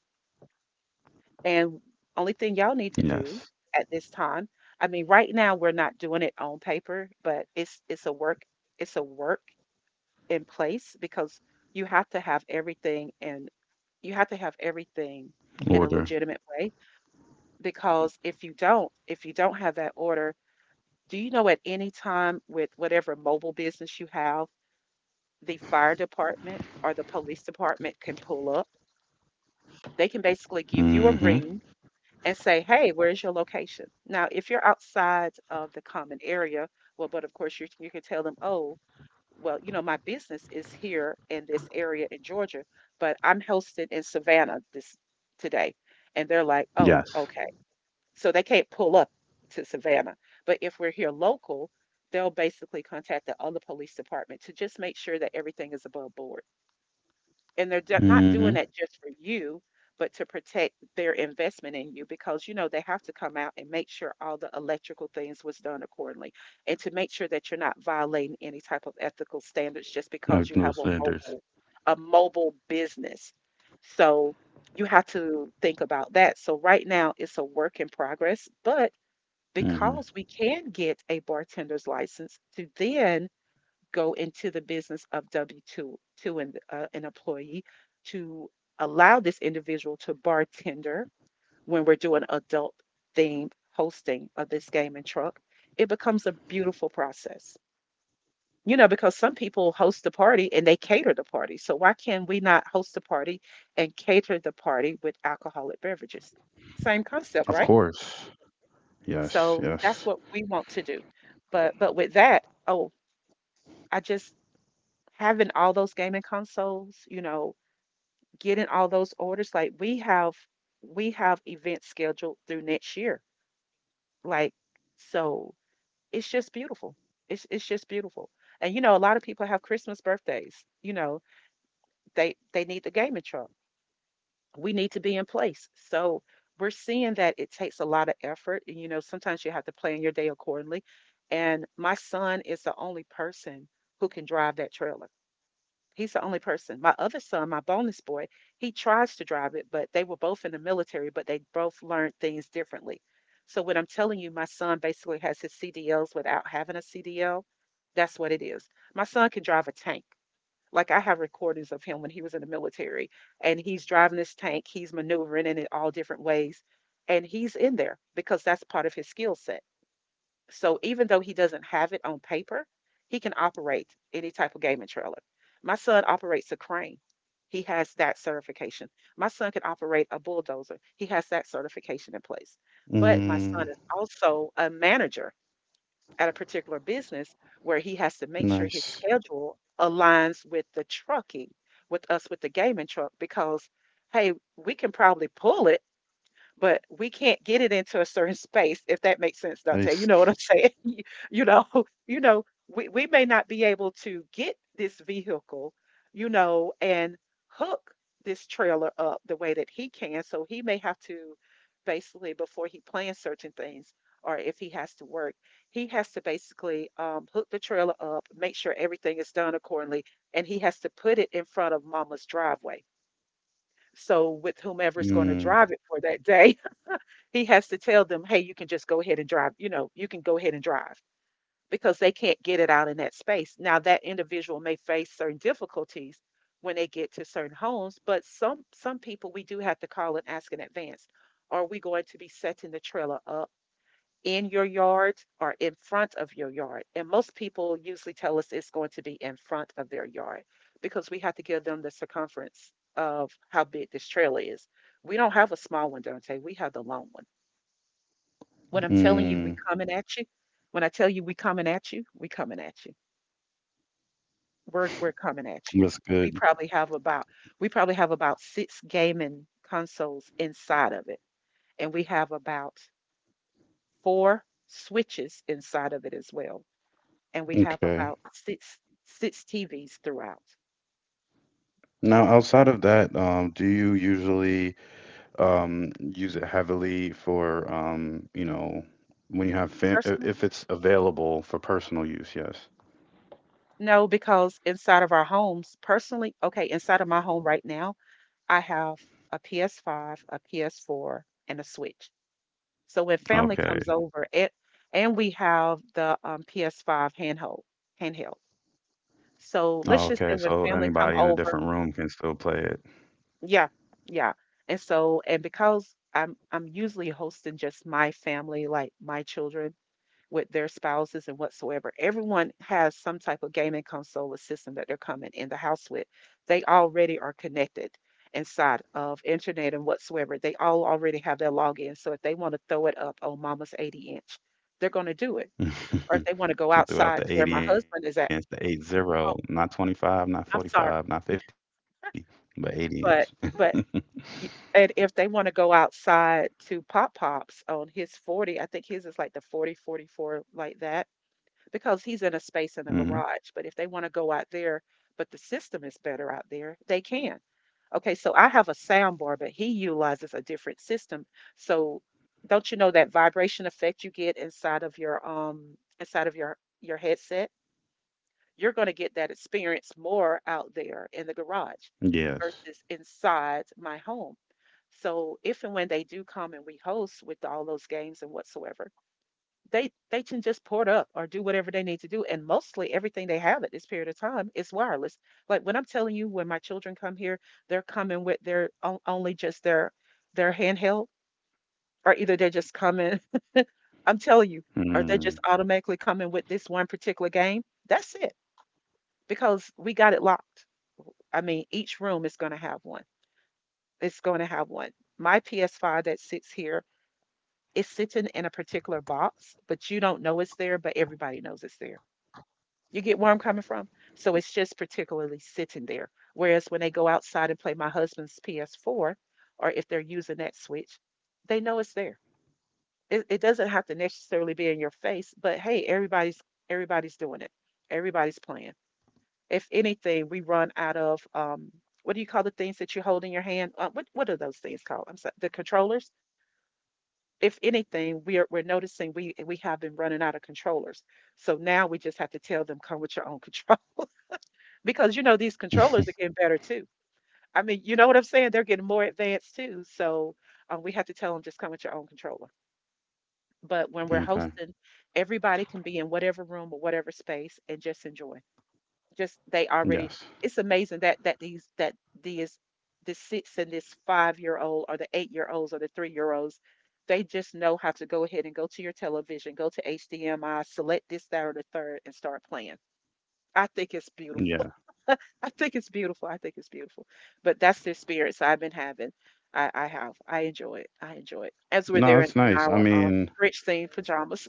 And only thing y'all Yes. need to do at this time, I mean, right now we're not doing it on paper, but it's, it's a work it's a work in place. Because you have to have everything, and you have to have everything Order. in a legitimate way. Because if you don't, if you don't have that order, do you know, at any time, with whatever mobile business you have, the fire department or the police department can pull up. They can basically Hmm. give you a ring and say, hey, where's your location? Now, if you're outside of the common area, well, but of course you, you can tell them, oh, well, you know, my business is here in this area in Georgia, but I'm hosted in Savannah this today. And they're Yes. like, oh, okay. So they can't pull up to Savannah. But if we're here local, they'll basically contact the other police department to just make sure that everything is above board. And they're d not Hmm. doing that just for you, but to protect their investment in you. Because, you know, they have to come out and make sure all the electrical things was done accordingly, and to make sure that you're not violating any type of ethical standards just I've because no you have a standards. mobile, a mobile business. So you have to think about that. So right now it's a work in progress. But Hmm. because we can get a bartender's license to then go into the business of W two to an, uh, an employee to allow this individual to bartender when we're doing adult themed hosting of this game and truck. It becomes a beautiful process. You know, because some people host the party and they cater the party. So why can we not host the party and cater the party with alcoholic beverages? Same Of concept, right? course. Yes. So Yes. that's what we want to do. But but with that, oh, I just, having all those gaming consoles, you know, getting all those orders, like we have, we have events scheduled through next year. Like, so it's just beautiful. It's it's just beautiful. And you know, a lot of people have Christmas birthdays, you know, they they need the gaming truck. We need to be in place. So we're seeing that it takes a lot of effort, and you know, sometimes you have to plan your day accordingly. And my son is the only person who can drive that trailer. He's the only person. My other son, my bonus boy, he tries to drive it, but they were both in the military, but they both learned things differently. So when I'm telling you, my son basically has his C D Ls without having a C D L. That's what it is. My son can drive a tank. Like I have recordings of him when he was in the military, and he's driving this tank. He's maneuvering in it all different ways, and he's in there because that's part of his skill set. So even though he doesn't have it on paper, he can operate any type of gaming trailer. My son operates a crane. He has that certification. My son can operate a bulldozer. He has that certification in place. But my Mm, son is also a manager at a particular business where he has to make sure his nice, schedule aligns with the trucking, with us with the gaming truck, because hey, we can probably pull it, but we can't get it into a certain space, if that makes sense, Dante. nice. You know what I'm saying? You, you know, you know, we, we may not be able to get this vehicle, you know, and hook this trailer up the way that he can. So he may have to basically, before he plans certain things, or if he has to work, he has to basically um, hook the trailer up, make sure everything is done accordingly, and he has to put it in front of mama's driveway. So with whomever is going to Mm, drive it for that day, he has to tell them, "Hey, you can just go ahead and drive, you know, you can go ahead and drive," because they can't get it out in that space. Now, that individual may face certain difficulties when they get to certain homes, but some some people we do have to call and ask in advance, "Are we going to be setting the trailer up in your yard or in front of your yard?" And most people usually tell us it's going to be in front of their yard because we have to give them the circumference of how big this trailer is. We don't have a small one, Dante. We have the long one. When I'm telling you mm, we coming at you, when I tell you we coming at you, we coming at you. We're we're coming at you. that's We good. probably have about we probably have about six gaming consoles inside of it, and we have about four switches inside of it as well, and we have Okay. about six six T Vs throughout. Now, Yeah, outside of that, um, do you usually um, use it heavily for, um, you know, when you have fam i- personal. if it's available for personal use? Yes. No, because inside of our homes, personally, okay, inside of my home right now, I have a P S five, a P S four, and a Switch. So when family comes Okay. over, it and we have the um, P S five handheld, handheld. So let's Oh, just say okay. when So family come anybody in a over, different room can still play it. yeah, yeah. And so and because I'm I'm usually hosting just my family, like my children with their spouses and whatsoever. Everyone has some type of gaming console or system that they're coming in the house with. They already are connected inside of internet and whatsoever. They all already have their login. So if they want to throw it up on mama's 80 inch, they're going to do it. Or if they want to She go threw out the outside to where eighty my inch, the eighty, husband is at, not oh, twenty-five, not forty-five, not I'm sorry, fifty, but eighty inch. but, but, y- and if they want to go outside to Pop Pop's on his forty, I think his is like the forty, forty-four, like that because he's in a Hmm. space in the garage. But if they want to go out there, but the system is better out there, they can. Okay, so I have a sound bar, but he utilizes a different system. So don't you know that vibration effect you get inside of your um inside of your your headset? You're going to get Yes. that experience more out there in the garage versus inside my home. So if and when they do come and we host with all those games and whatsoever, they they can just port up or do whatever they need to do, and mostly everything they have at this period of time is wireless. Like when I'm telling you, when my children come here, they're coming with their on- only just their their handheld, or either they're just coming. Mm. I'm telling you, or they just automatically coming with this one particular game. That's it, because we got it locked. I mean, each room is going to have one. It's going to have one. My P S five that sits here is sitting in a particular box, but you don't know it's there, but everybody knows it's there. You get where I'm coming from? So it's just particularly sitting there. Whereas when they go outside and play my husband's P S four, or if they're using that Switch, they know it's there. It, it doesn't have to necessarily be in your face, but hey, everybody's everybody's doing it. Everybody's playing. If anything, we run out of um, what do you call the things that you hold in your hand? Uh, what what are those things called? I'm sorry, the controllers. If anything, we're we're noticing we we have been running out of controllers. So now we just have to tell them come with your own controller, because you know these controllers are getting better too. I mean, you know what I'm saying? They're getting more advanced too. So um, we have to tell them just come with your own controller. But when we're Okay. hosting, everybody can be in whatever room or whatever space and just enjoy. Just they already. Yes. It's amazing that that these that these the six and this five year old or the eight year olds or the three year olds, they just know how to go ahead and go to your television, go to H D M I, select this, that, or the third, and start playing. I think it's beautiful. Yeah. I think it's beautiful. I think it's beautiful. But that's the experience I've been having. I, I have. I enjoy it. I enjoy it. As we're No, there in, that's in nice. I our um, mean, rich stained pajamas.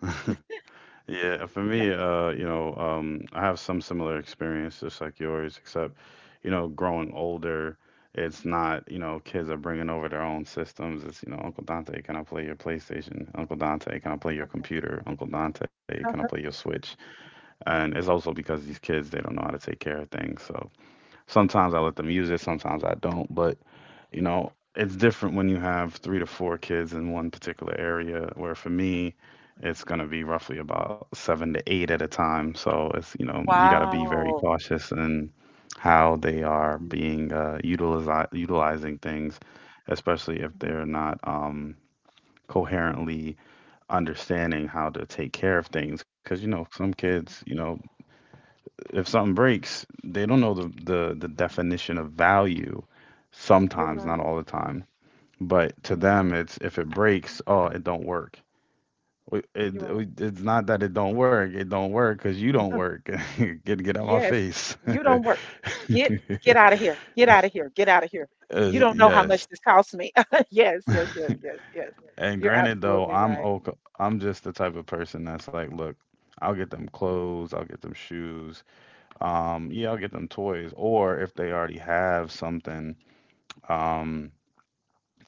yeah, for me, Yeah. uh, you know, um, I have some similar experience just like yours, except, you know, growing older, it's not, you know, kids are bringing over their own systems. It's, you know, Uncle Dante, can I play your PlayStation? Uncle Dante, can I play your computer? Uncle Dante, can I play your Switch? And it's also because these kids, they don't know how to take care of things. So sometimes I let them use it, sometimes I don't, but you know, it's different when you have three to four kids in one particular area, where for me, it's going to be roughly about seven to eight at a time. So it's, you know, you got to be very Wow. cautious in how they are Mm. being uh, utilize, utilizing things, especially if Mhm. they're not um, coherently understanding how to take care of things. Because, you know, some kids, you know, if something breaks, they don't know the, the, the definition of value You're sometimes, right. not all the time. But to You're right. them, it's if it breaks, oh, it don't work. We- You're It, right. We it's not that it don't work. It don't work because you don't work. Get get out my Yes. face. You don't work. Get get out of here. Get out of here. Get out of here. Uh, You don't know how yes. much this costs me. Yes. Yes. Yes. Yes. Yes. And You're granted, though, absolutely I'm right. okay. I'm just the type of person that's like, look, I'll get them clothes, I'll get them shoes, um, yeah, I'll get them toys, or if they already have something, um,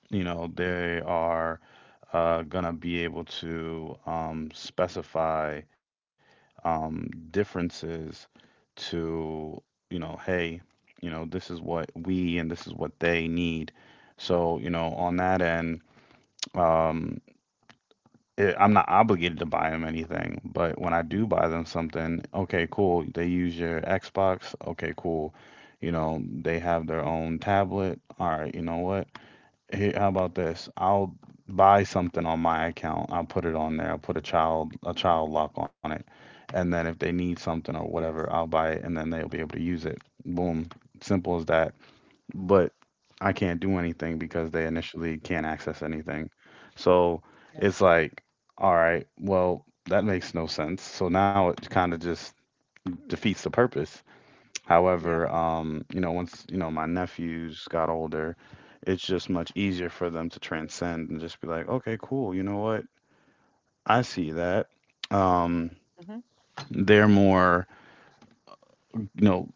you know, they are uh, gonna be able to um, specify um, differences to, you know, hey, you know, this is what we and this is what they need. So, you know, on that end, um, it, I'm not obligated to buy them anything, but when I do buy them something, okay, cool. They use your Xbox. Okay, cool. You know, they have their own tablet. All right, you know what? Here, how about this? I'll buy something on my account. I'll put it on there. I'll put a child a child lock on it, and then if they need something or Yeah. whatever, Yes. I'll buy it, and then they'll be able to use it. Boom, simple as that. But I can't do anything because they initially can't access anything. So it's Yes. like, all right, well, that makes no sense. So now it kind of just defeats the purpose. Yes. However, um, you know, once, you know, my nephews got older, it's just much easier for them to transcend and just be like, okay, cool, you know what? I see that. Um, Hmm. they're more, you know,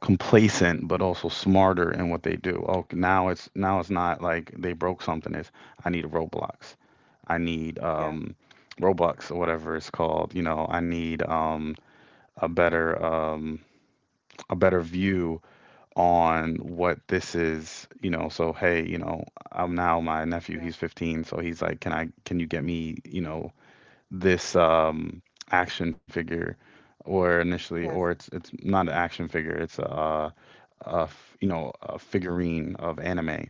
complacent but also smarter in what they do. Oh, now it's now it's not like they broke something, it's I need Roblox. I need Yeah. um Roblox or whatever it's called, you know, I need um a better um a better view on what this is, you know, so hey, you know, I'm now my nephew, Yeah. he's fifteen, so he's like, can I, can you get me, you know, this um action figure or initially or Yes, it's it's not an action figure, it's a, a f- you know, a figurine of anime.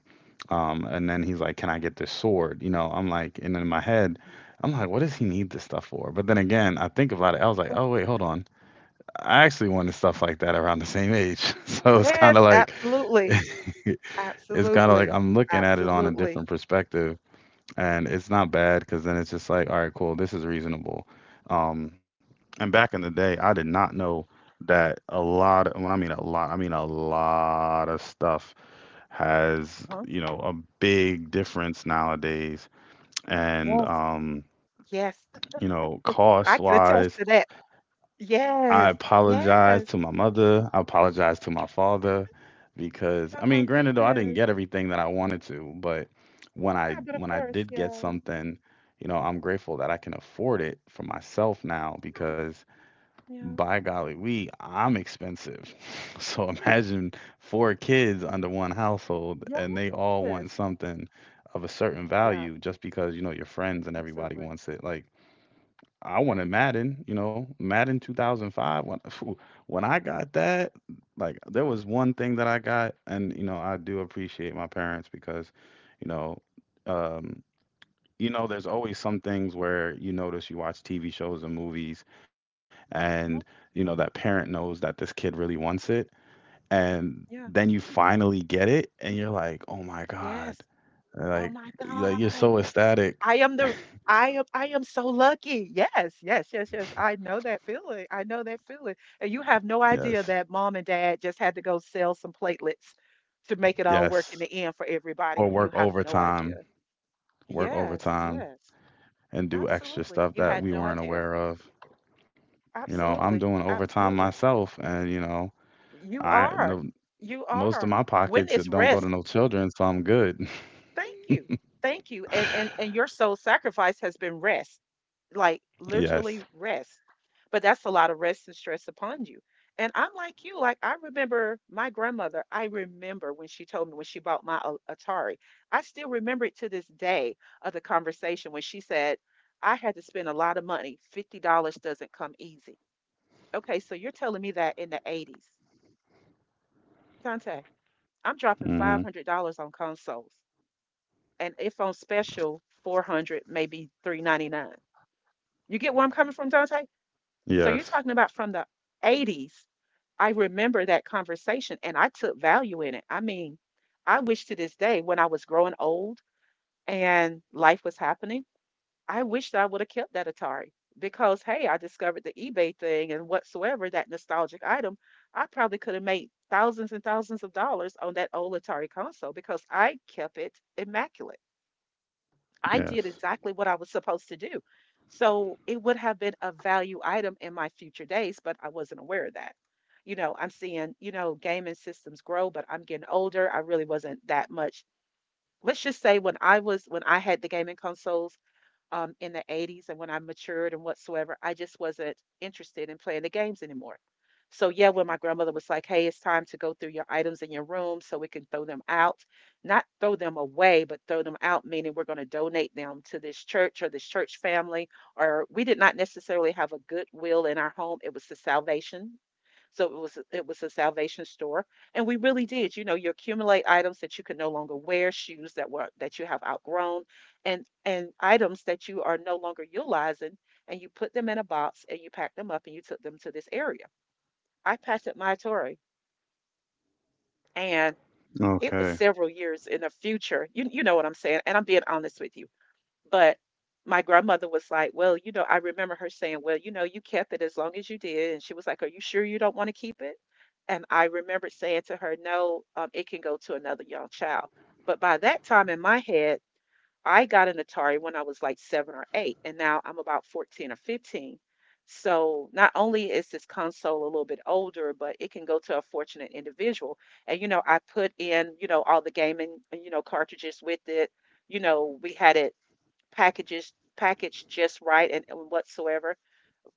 Um and then he's yes. like, can I get this sword? You know, I'm like, and in my head, I'm like, what does he need this stuff for? But then again, I think about it, I was like, oh wait, hold on. I actually wanted stuff like that around the same age. So it's kind of Yes, like, absolutely. it's kind of like Absolutely. I'm looking at it on a Absolutely. different perspective, and it's not bad because then it's just like, all right, cool, this is reasonable. Um, and back in the day, I did not know that a lot, when I mean a lot, I mean a lot of stuff has, Mhm. you know, a big difference nowadays. And, Yes, um, yes. you know, I cost can attest to wise, that. I Yes, apologize yes. to my mother. I apologize to my father because I Oh mean, my granted though, I didn't goodness. get everything that I wanted to, but when Yeah, I but of when I course, did get yeah. something, you know, I'm grateful that I can afford it for myself now Yeah, because yeah. by golly, we I'm expensive. So imagine four kids under one household and they all Yes. want something of a certain Yeah, value just because you know your friends and everybody absolutely. wants it. Like I Yeah. wanted Madden, you know, Madden two thousand five. When phew, when I got that, like there was one thing that I got, and you know, I do appreciate my parents because, you know, um, you know, there's always some things where you notice you watch T V shows and movies, and Mhm. you know that parent knows that this kid really wants it, and Yeah. then you finally get it, and you're like, oh my god, Yes. Oh like my like you're God. so ecstatic. I am the I am I am so lucky. Yes, yes, yes, yes. I know that feeling. I know that feeling. And you have no idea Yes, that mom and dad just had to go sell some platelets to make it all work in yes, the end for or everybody. You work have no overtime. idea. Work Yes, overtime yes. and do extra Absolutely. stuff You that had we no weren't idea. aware of. You know, I'm Absolutely. doing overtime Absolutely. myself, and you know, You I are. no, You most of are. my When pockets it's don't go to rest, no children, so I'm good. thank you. Thank you. And and and your soul sacrifice has been rest. Like, literally, Yes. rest. But that's a lot of rest and stress upon you. And I'm like you, like I remember my grandmother. I remember when she told me when she bought my A- Atari. I still remember it to this day of the conversation when she said, I had to spend a lot of money. fifty dollars doesn't come easy. Okay, so you're telling me that in the eighties. Dante, I'm dropping Mhm. five hundred dollars on consoles, and if on special, four hundred, maybe three ninety-nine. You get where I'm coming from, Dante? So you're Yes. talking about from the eighties. I remember that conversation, and I took value in it. I mean, I wish to this day when I was growing old and life was happening, I wished I would have kept that Atari because, hey, I discovered the eBay thing and whatsoever, that nostalgic item. I probably could have made thousands and thousands of dollars on that old Atari console because I kept it immaculate. I did Yes. exactly what I was supposed to do. So it would have been a value item in my future days, but I wasn't aware of that. You know, I'm seeing, you know, gaming systems grow, but I'm getting older. I really wasn't that much. Let's just say when I was, when I had the gaming consoles, um, in the eighties and when I matured and whatsoever, I just wasn't interested in playing the games anymore. So, yeah, when my grandmother was like, hey, it's time to go through your items in your room so we can throw them out, not throw them away, but throw them out, meaning we're going to donate them to this church or this church family. Or we did not necessarily have a goodwill in our home, it was the salvation, so it was it was a salvation store, and we really did. You know, you accumulate items that you can no longer wear, shoes that were that you have outgrown, and and items that you are no longer utilizing, and you put them in a box and you pack them up and you took them to this area. I passed at my Tory, and it was Okay. several years in the future. You you know what I'm saying? And I'm being honest with you. But my grandmother was like, "Well, you know, I remember her saying, well, you know, you kept it as long as you did." And she was like, "Are you sure you don't want to keep it?" And I remember saying to her, "No, um, it can go to another young child." But by that time in my head, I got an Atari when I was like seven or eight, and now I'm about fourteen or fifteen. So not only is this console a little bit older, but it can go to a fortunate individual. And, you know, I put in, you know, all the gaming, you know, cartridges with it you know, We had it packages packaged just right and, and whatsoever.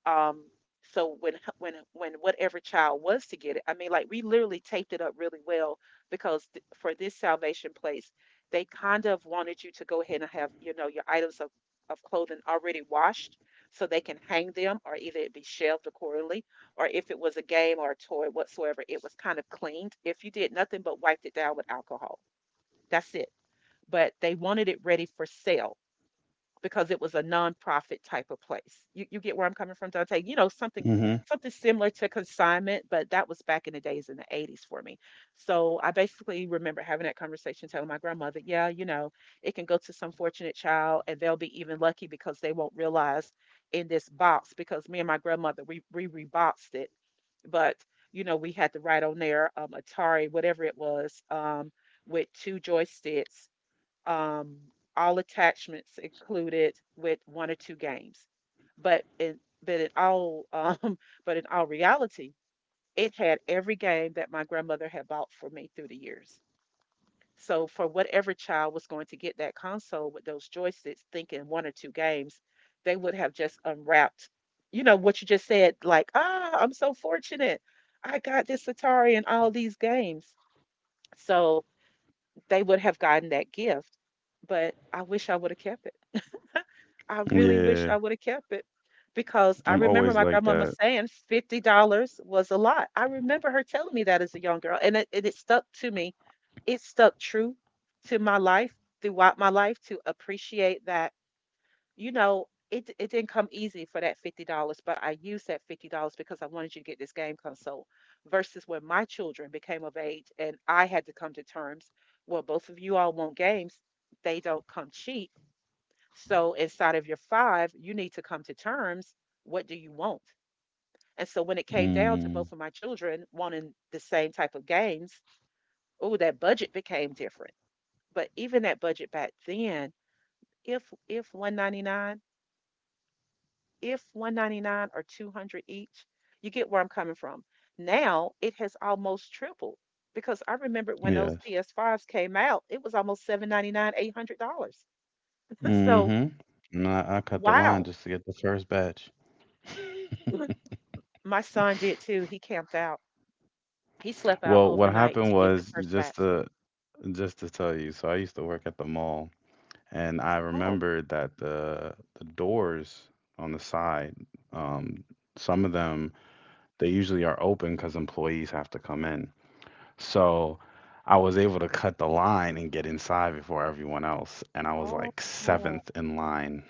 Um, so when when when whatever child was to get it, I mean, like we literally taped it up really well because th- for this salvation place, they kind of wanted you to go ahead and have you know your items of of clothing already washed so they can hang them or either it be shelved accordingly, or if it was a game or a toy, whatsoever, it was kind of cleaned. If you did nothing but wiped it down with alcohol, that's it, but they wanted it ready for sale because it was a nonprofit type of place. You you get where I'm coming from, Dante? You know, something Mhm. something similar to consignment, but that was back in the days in the eighties for me. So I basically remember having that conversation, telling my grandmother, yeah, you know, It can go to some fortunate child, and they'll be even lucky because they won't realize in this box, because me and my grandmother, we we reboxed it. But you know, we had to write on there um Atari, whatever it was, um, with two joysticks, um, all attachments included with one or two games. But in but in all um, but in all reality, it had every game that my grandmother had bought for me through the years. So for whatever child was going to get that console with those joysticks, thinking one or two games, they would have just unwrapped, you know, what you just said, like, "Ah, I'm so fortunate. I got this Atari and all these games." So they would have gotten that gift, but I wish I would have kept it. I really wish Yeah. I would have kept it, because I I'm remember always my like grandmama that. saying fifty dollars was a lot. I remember her telling me that as a young girl, and it, and it stuck to me. It stuck true to my life, throughout my life, to appreciate that. You know, it, it didn't come easy for that fifty dollars but I used that fifty dollars because I wanted you to get this game console. Versus when my children became of age, and I had to come to terms. Well, both of you all want games, they don't come cheap, so inside of your five, you need to come to terms. What do you want? And so when it came down to Mm. both of my children wanting the same type of games, oh, that budget became different. But even that budget back then, if if one ninety-nine, if one ninety-nine or two hundred each, you get where I'm coming from. Now it has almost tripled because I remember when those Yes. P S fives came out, it was almost seven ninety-nine, eight hundred dollars. So Mhm. And I, I cut the line wow. just to get the first batch. My son did too. He camped out. He slept out Well, what overnight happened to get the was first just batch. to just to tell you. So I used to work at the mall, and I Oh, remember that the the doors on the side, um, some of them they usually are open because employees have to come in. So I was able to cut the line and get inside before everyone else, and I was oh, like oh, seventh in line.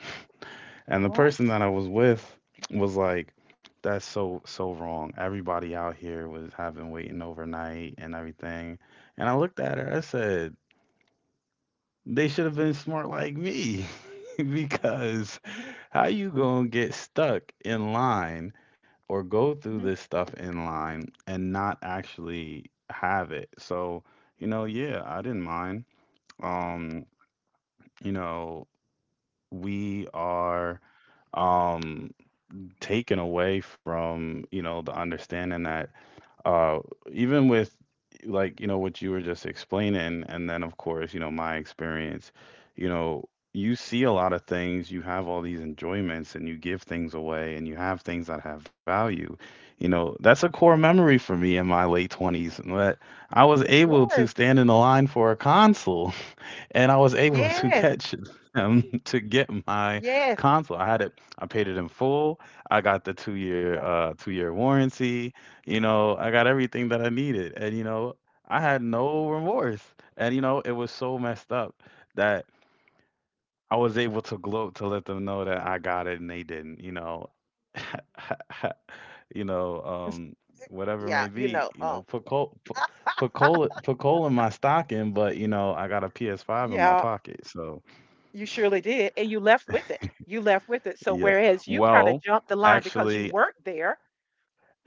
And the what? person that I was with was like, "That's so so wrong. Everybody out here was having waiting overnight and everything." And I looked at her. I said, they should have been smart like me because Mhm, how you going to get stuck in line or go through mhm, this stuff in line and not actually have it? So, you know, yeah, I didn't mind. Um, you know, we are um taken away from, you know, the understanding that uh even with like you know what you were just explaining and then of course you know my experience you know you see a lot of things you have all these enjoyments and you give things away and you have things that have value you know that's a core yeah. memory for me in my late twenties and that I was able to Yes, stand in the line for a console and I was able to yes, catch him to get my yes. console. I had it, I y- paid it in full. I got the two year Yeah, uh two year warranty. You know, I got everything that I needed, and you know, I had no remorse. And you know, it was so messed up that I was able to gloat to let them know that I got it and they didn't. You know, you know, um, whatever it yeah. may You be. know, You know, um, put coal. Put, Put coal, put coal in my stocking, but you know I got a P S five in my Yeah. pocket, so You surely did, and you left with it. You left with it. So yeah. whereas you kind of Well, jumped the line because you actually, worked there,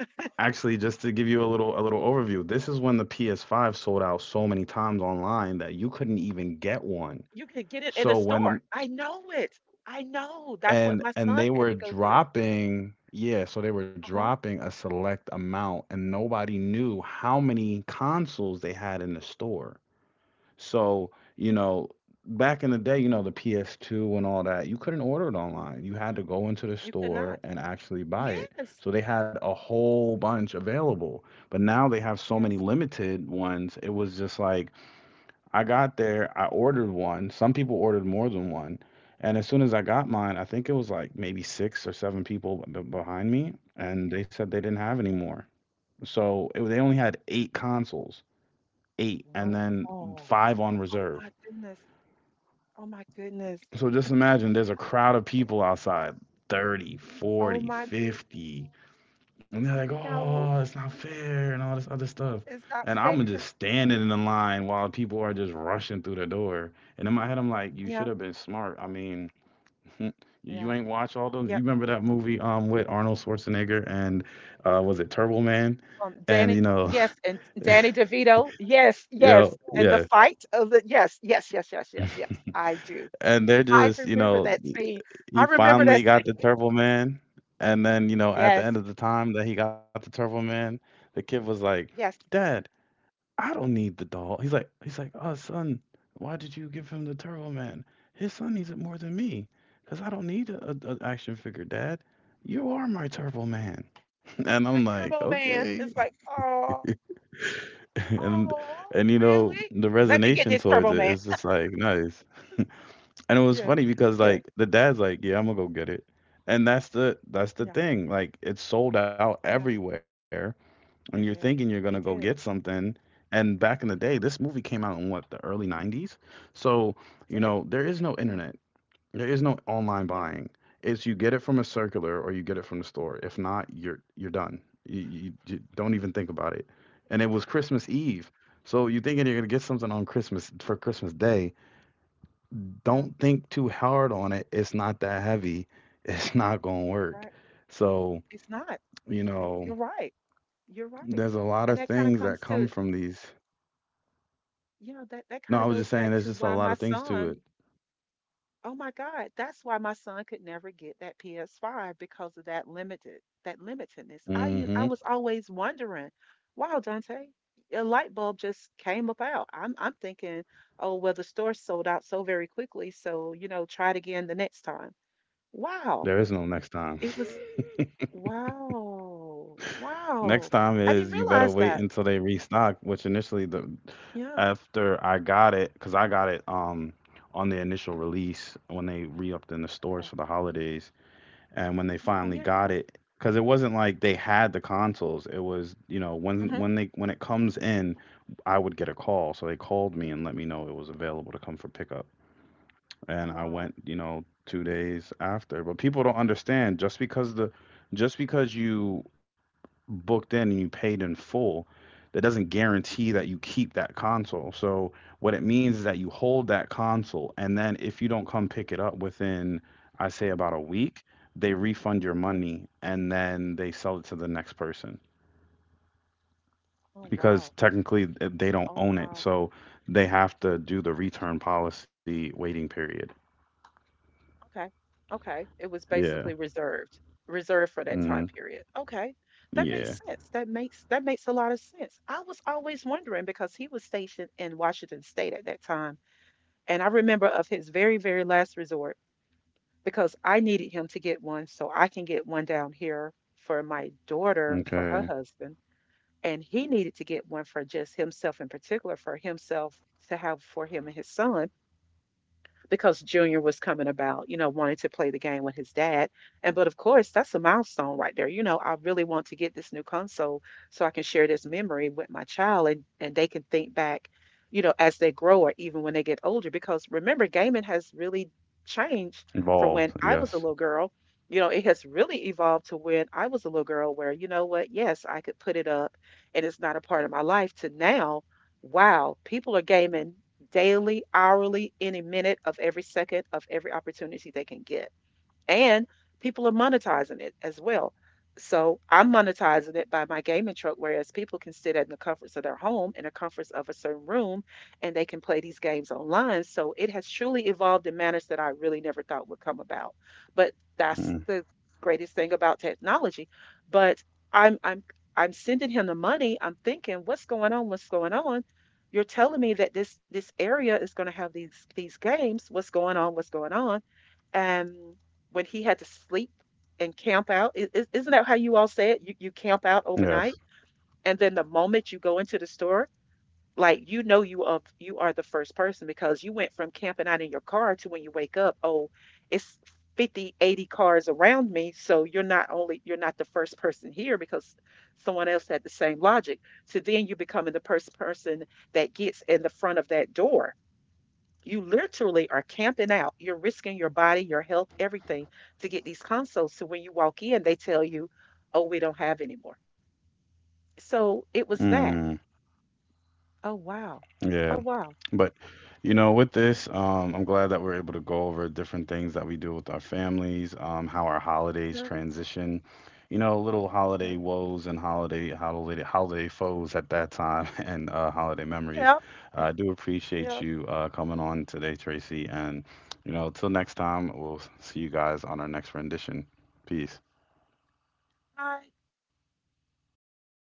actually, just to give you a little a little overview, this is when the P S five sold out so many times online that you couldn't even get one. you could get it in So a when store. I know it. I know. That's and what my and they son had were to go through. dropping, yeah, so they were Uh huh. dropping a select amount, and nobody knew how many consoles they had in the store. So, you know, back in the day, you know, the P S two and all that, you couldn't order it online. You had to go into the You could store not. and actually buy it. Yes. So they had a whole bunch available. But now they have so many Yes. limited ones. It was just like I got there, I ordered one. Some people ordered more than one. And as soon as I got mine, I think it was like maybe six or seven people b- behind me, and they said they didn't have any more. So it, they only had eight consoles, eight, and then Wow. five on Oh reserve. my goodness. Oh my goodness. So just imagine there's a crowd of people outside thirty, Oh forty, my good. fifty, and they're like, Oh oh, it's no. not fair and all this other stuff. It's not And I'm fair. just standing in the line while people are just rushing through the door. And in my head, I'm like, you Yeah. should have been smart. I mean, you Yeah. ain't watch all those. Yeah. You remember that movie um with Arnold Schwarzenegger and uh was it Turbo Man? Um, And you Danny. know, Yes. And Danny DeVito. Yes. you Yes. know, And the yeah. fight of the. Yes. Yes. Yes. Yes. Yes. Yes. I do. And they're I just, you remember know, that scene. I he remember finally that got scene. the Turbo Man, and then, you know, at the end Yes. of the time that he got the Turbo Man, the kid was like, Yes. "Dad, I don't need the doll." He's like, he's like, "Oh, son, why did you give him the Turbo Man? His son needs it more than me, cause I don't need a, a, a action figure, Dad. You are my Turbo Man." And I'm My like, Turbo Man "Okay." is like, oh, And oh, and you know, really? the Let me get resonation this towards Turbo it Man. is just like nice. And it was Yes. funny because Yes. like the dad's like, "Yeah, I'm gonna go get it," and that's the that's Yeah. the thing. Like it's sold out Yeah. everywhere, and you're It thinking you're did. gonna go It get did. It something. And back in the day, this movie came out in what the early nineties, so you did. know there is no Yeah, internet, there is no online yeah, buying. It's you get it from a circular or you get it from the store. If not, you're you're done. You, you, you don't even think about it. And it was Christmas Eve, so you're thinking you're gonna get something on Christmas for Christmas Day, yeah. don't think too hard on it. It's not that heavy. It's not going to You're work. right. So, It's not. you You- know, You're right. You're right. there's a lot And of that kind of things that comes come to, from these. you know, that that No, kind I of was goes just saying back there's to just a why lot my of things to son, it. oh my God, that's why my son could never get that P S five, because of that limited, that limitedness. I u- I Mhm. was always wondering, wow, Dante, a light bulb just came about. I'm I'm thinking, oh, well, the store sold out so very quickly, so, you know, try it again the next time. Wow. There is no next time. It was Wow. Next Wow. time I didn't is you better realize wait that. until they restock, which initially the Yeah. after I got it, because I got it um on the initial release when they re-upped in the stores Okay. for the holidays. And when they Yeah, finally yeah, got yeah. it, because it wasn't like they had the consoles. It was, you know, when Mm-hmm. when they when it comes in, I would get a call. So they called me and let me know it was available to come for pickup. And I Wow. went, you know, two days after. But people don't understand just because the just because you booked in and you paid in full, that doesn't guarantee that you keep that console. So what it means is that you hold that console, and then if you don't come pick it up within, I say about a week, they refund your Yes. money and then they sell it to the next person Oh, because wow. technically uh, they don't Oh, own it. wow. So they have to do the I got return policy waiting period. you. Okay. Okay. It was Yeah. basically reserved, reserved for that Mm, time period. Okay. That yeah. makes sense. That makes that makes a lot of sense. I was always wondering because he was stationed in Washington State at that time, and I remember of his very, very last resort, because I needed him to get one so I can get one down here for my daughter, for her Okay. husband. And he needed to get one for just himself, in particular, for himself to have for him and his son, because Junior was coming about, you know, wanting to play the game with his dad. And, but of course, that's a milestone right there. You know, I really want to get this new console so I can share this memory with my child, and and they can think back, you know, as they grow or even when they get older, because remember, gaming has really changed from when Involved. I was a Yes. little girl. You know, it has really evolved. To when I was a little girl, where, you know what, yes, I could put it up, and it's not a part of my life. To now, wow, people are gaming daily, hourly, any minute of every second of every opportunity they can get, and people are monetizing it as well. So I'm monetizing it by my gaming truck, whereas people can sit in the comforts of their home, in the comforts of a certain room, and they can play these games online. So it has truly evolved in manners that I really never thought would come about. But that's Mm, the greatest thing about technology. But I'm I'm I'm sending him the money. I'm thinking, what's going on? What's going on? You're telling me that this this area is going to have these these games. What's going on? What's going on? And when he had to sleep and camp out, i- is, isn't that how you all say it? You, you camp out yes. overnight, and then the moment you go into the store, like, you know you, of you are the first person, because you went from camping out in your car to when you wake up, oh, it's fifty eighty cars around me. So you're not only you're not the first person here, because someone else had the same logic. So then you becoming the first person that gets in the front of that door, you literally are camping out. You're risking your body, your health, everything to get these consoles. So when you walk in, they tell you, oh, we don't have any more. So it was that. Mm, Oh, wow. yeah. Oh, wow. But you know, with this, um, I'm glad that we're able to go over different things that we do with our families, um, how our holidays Yeah. transition. You know, little Yeah. holiday woes and holiday holiday holiday foes at that time, and uh, holiday memories. Yeah. Uh, I do appreciate Yeah. you uh, coming on today, Tracy. And you know, till next time, we'll see you guys on our next rendition. Peace. Hi.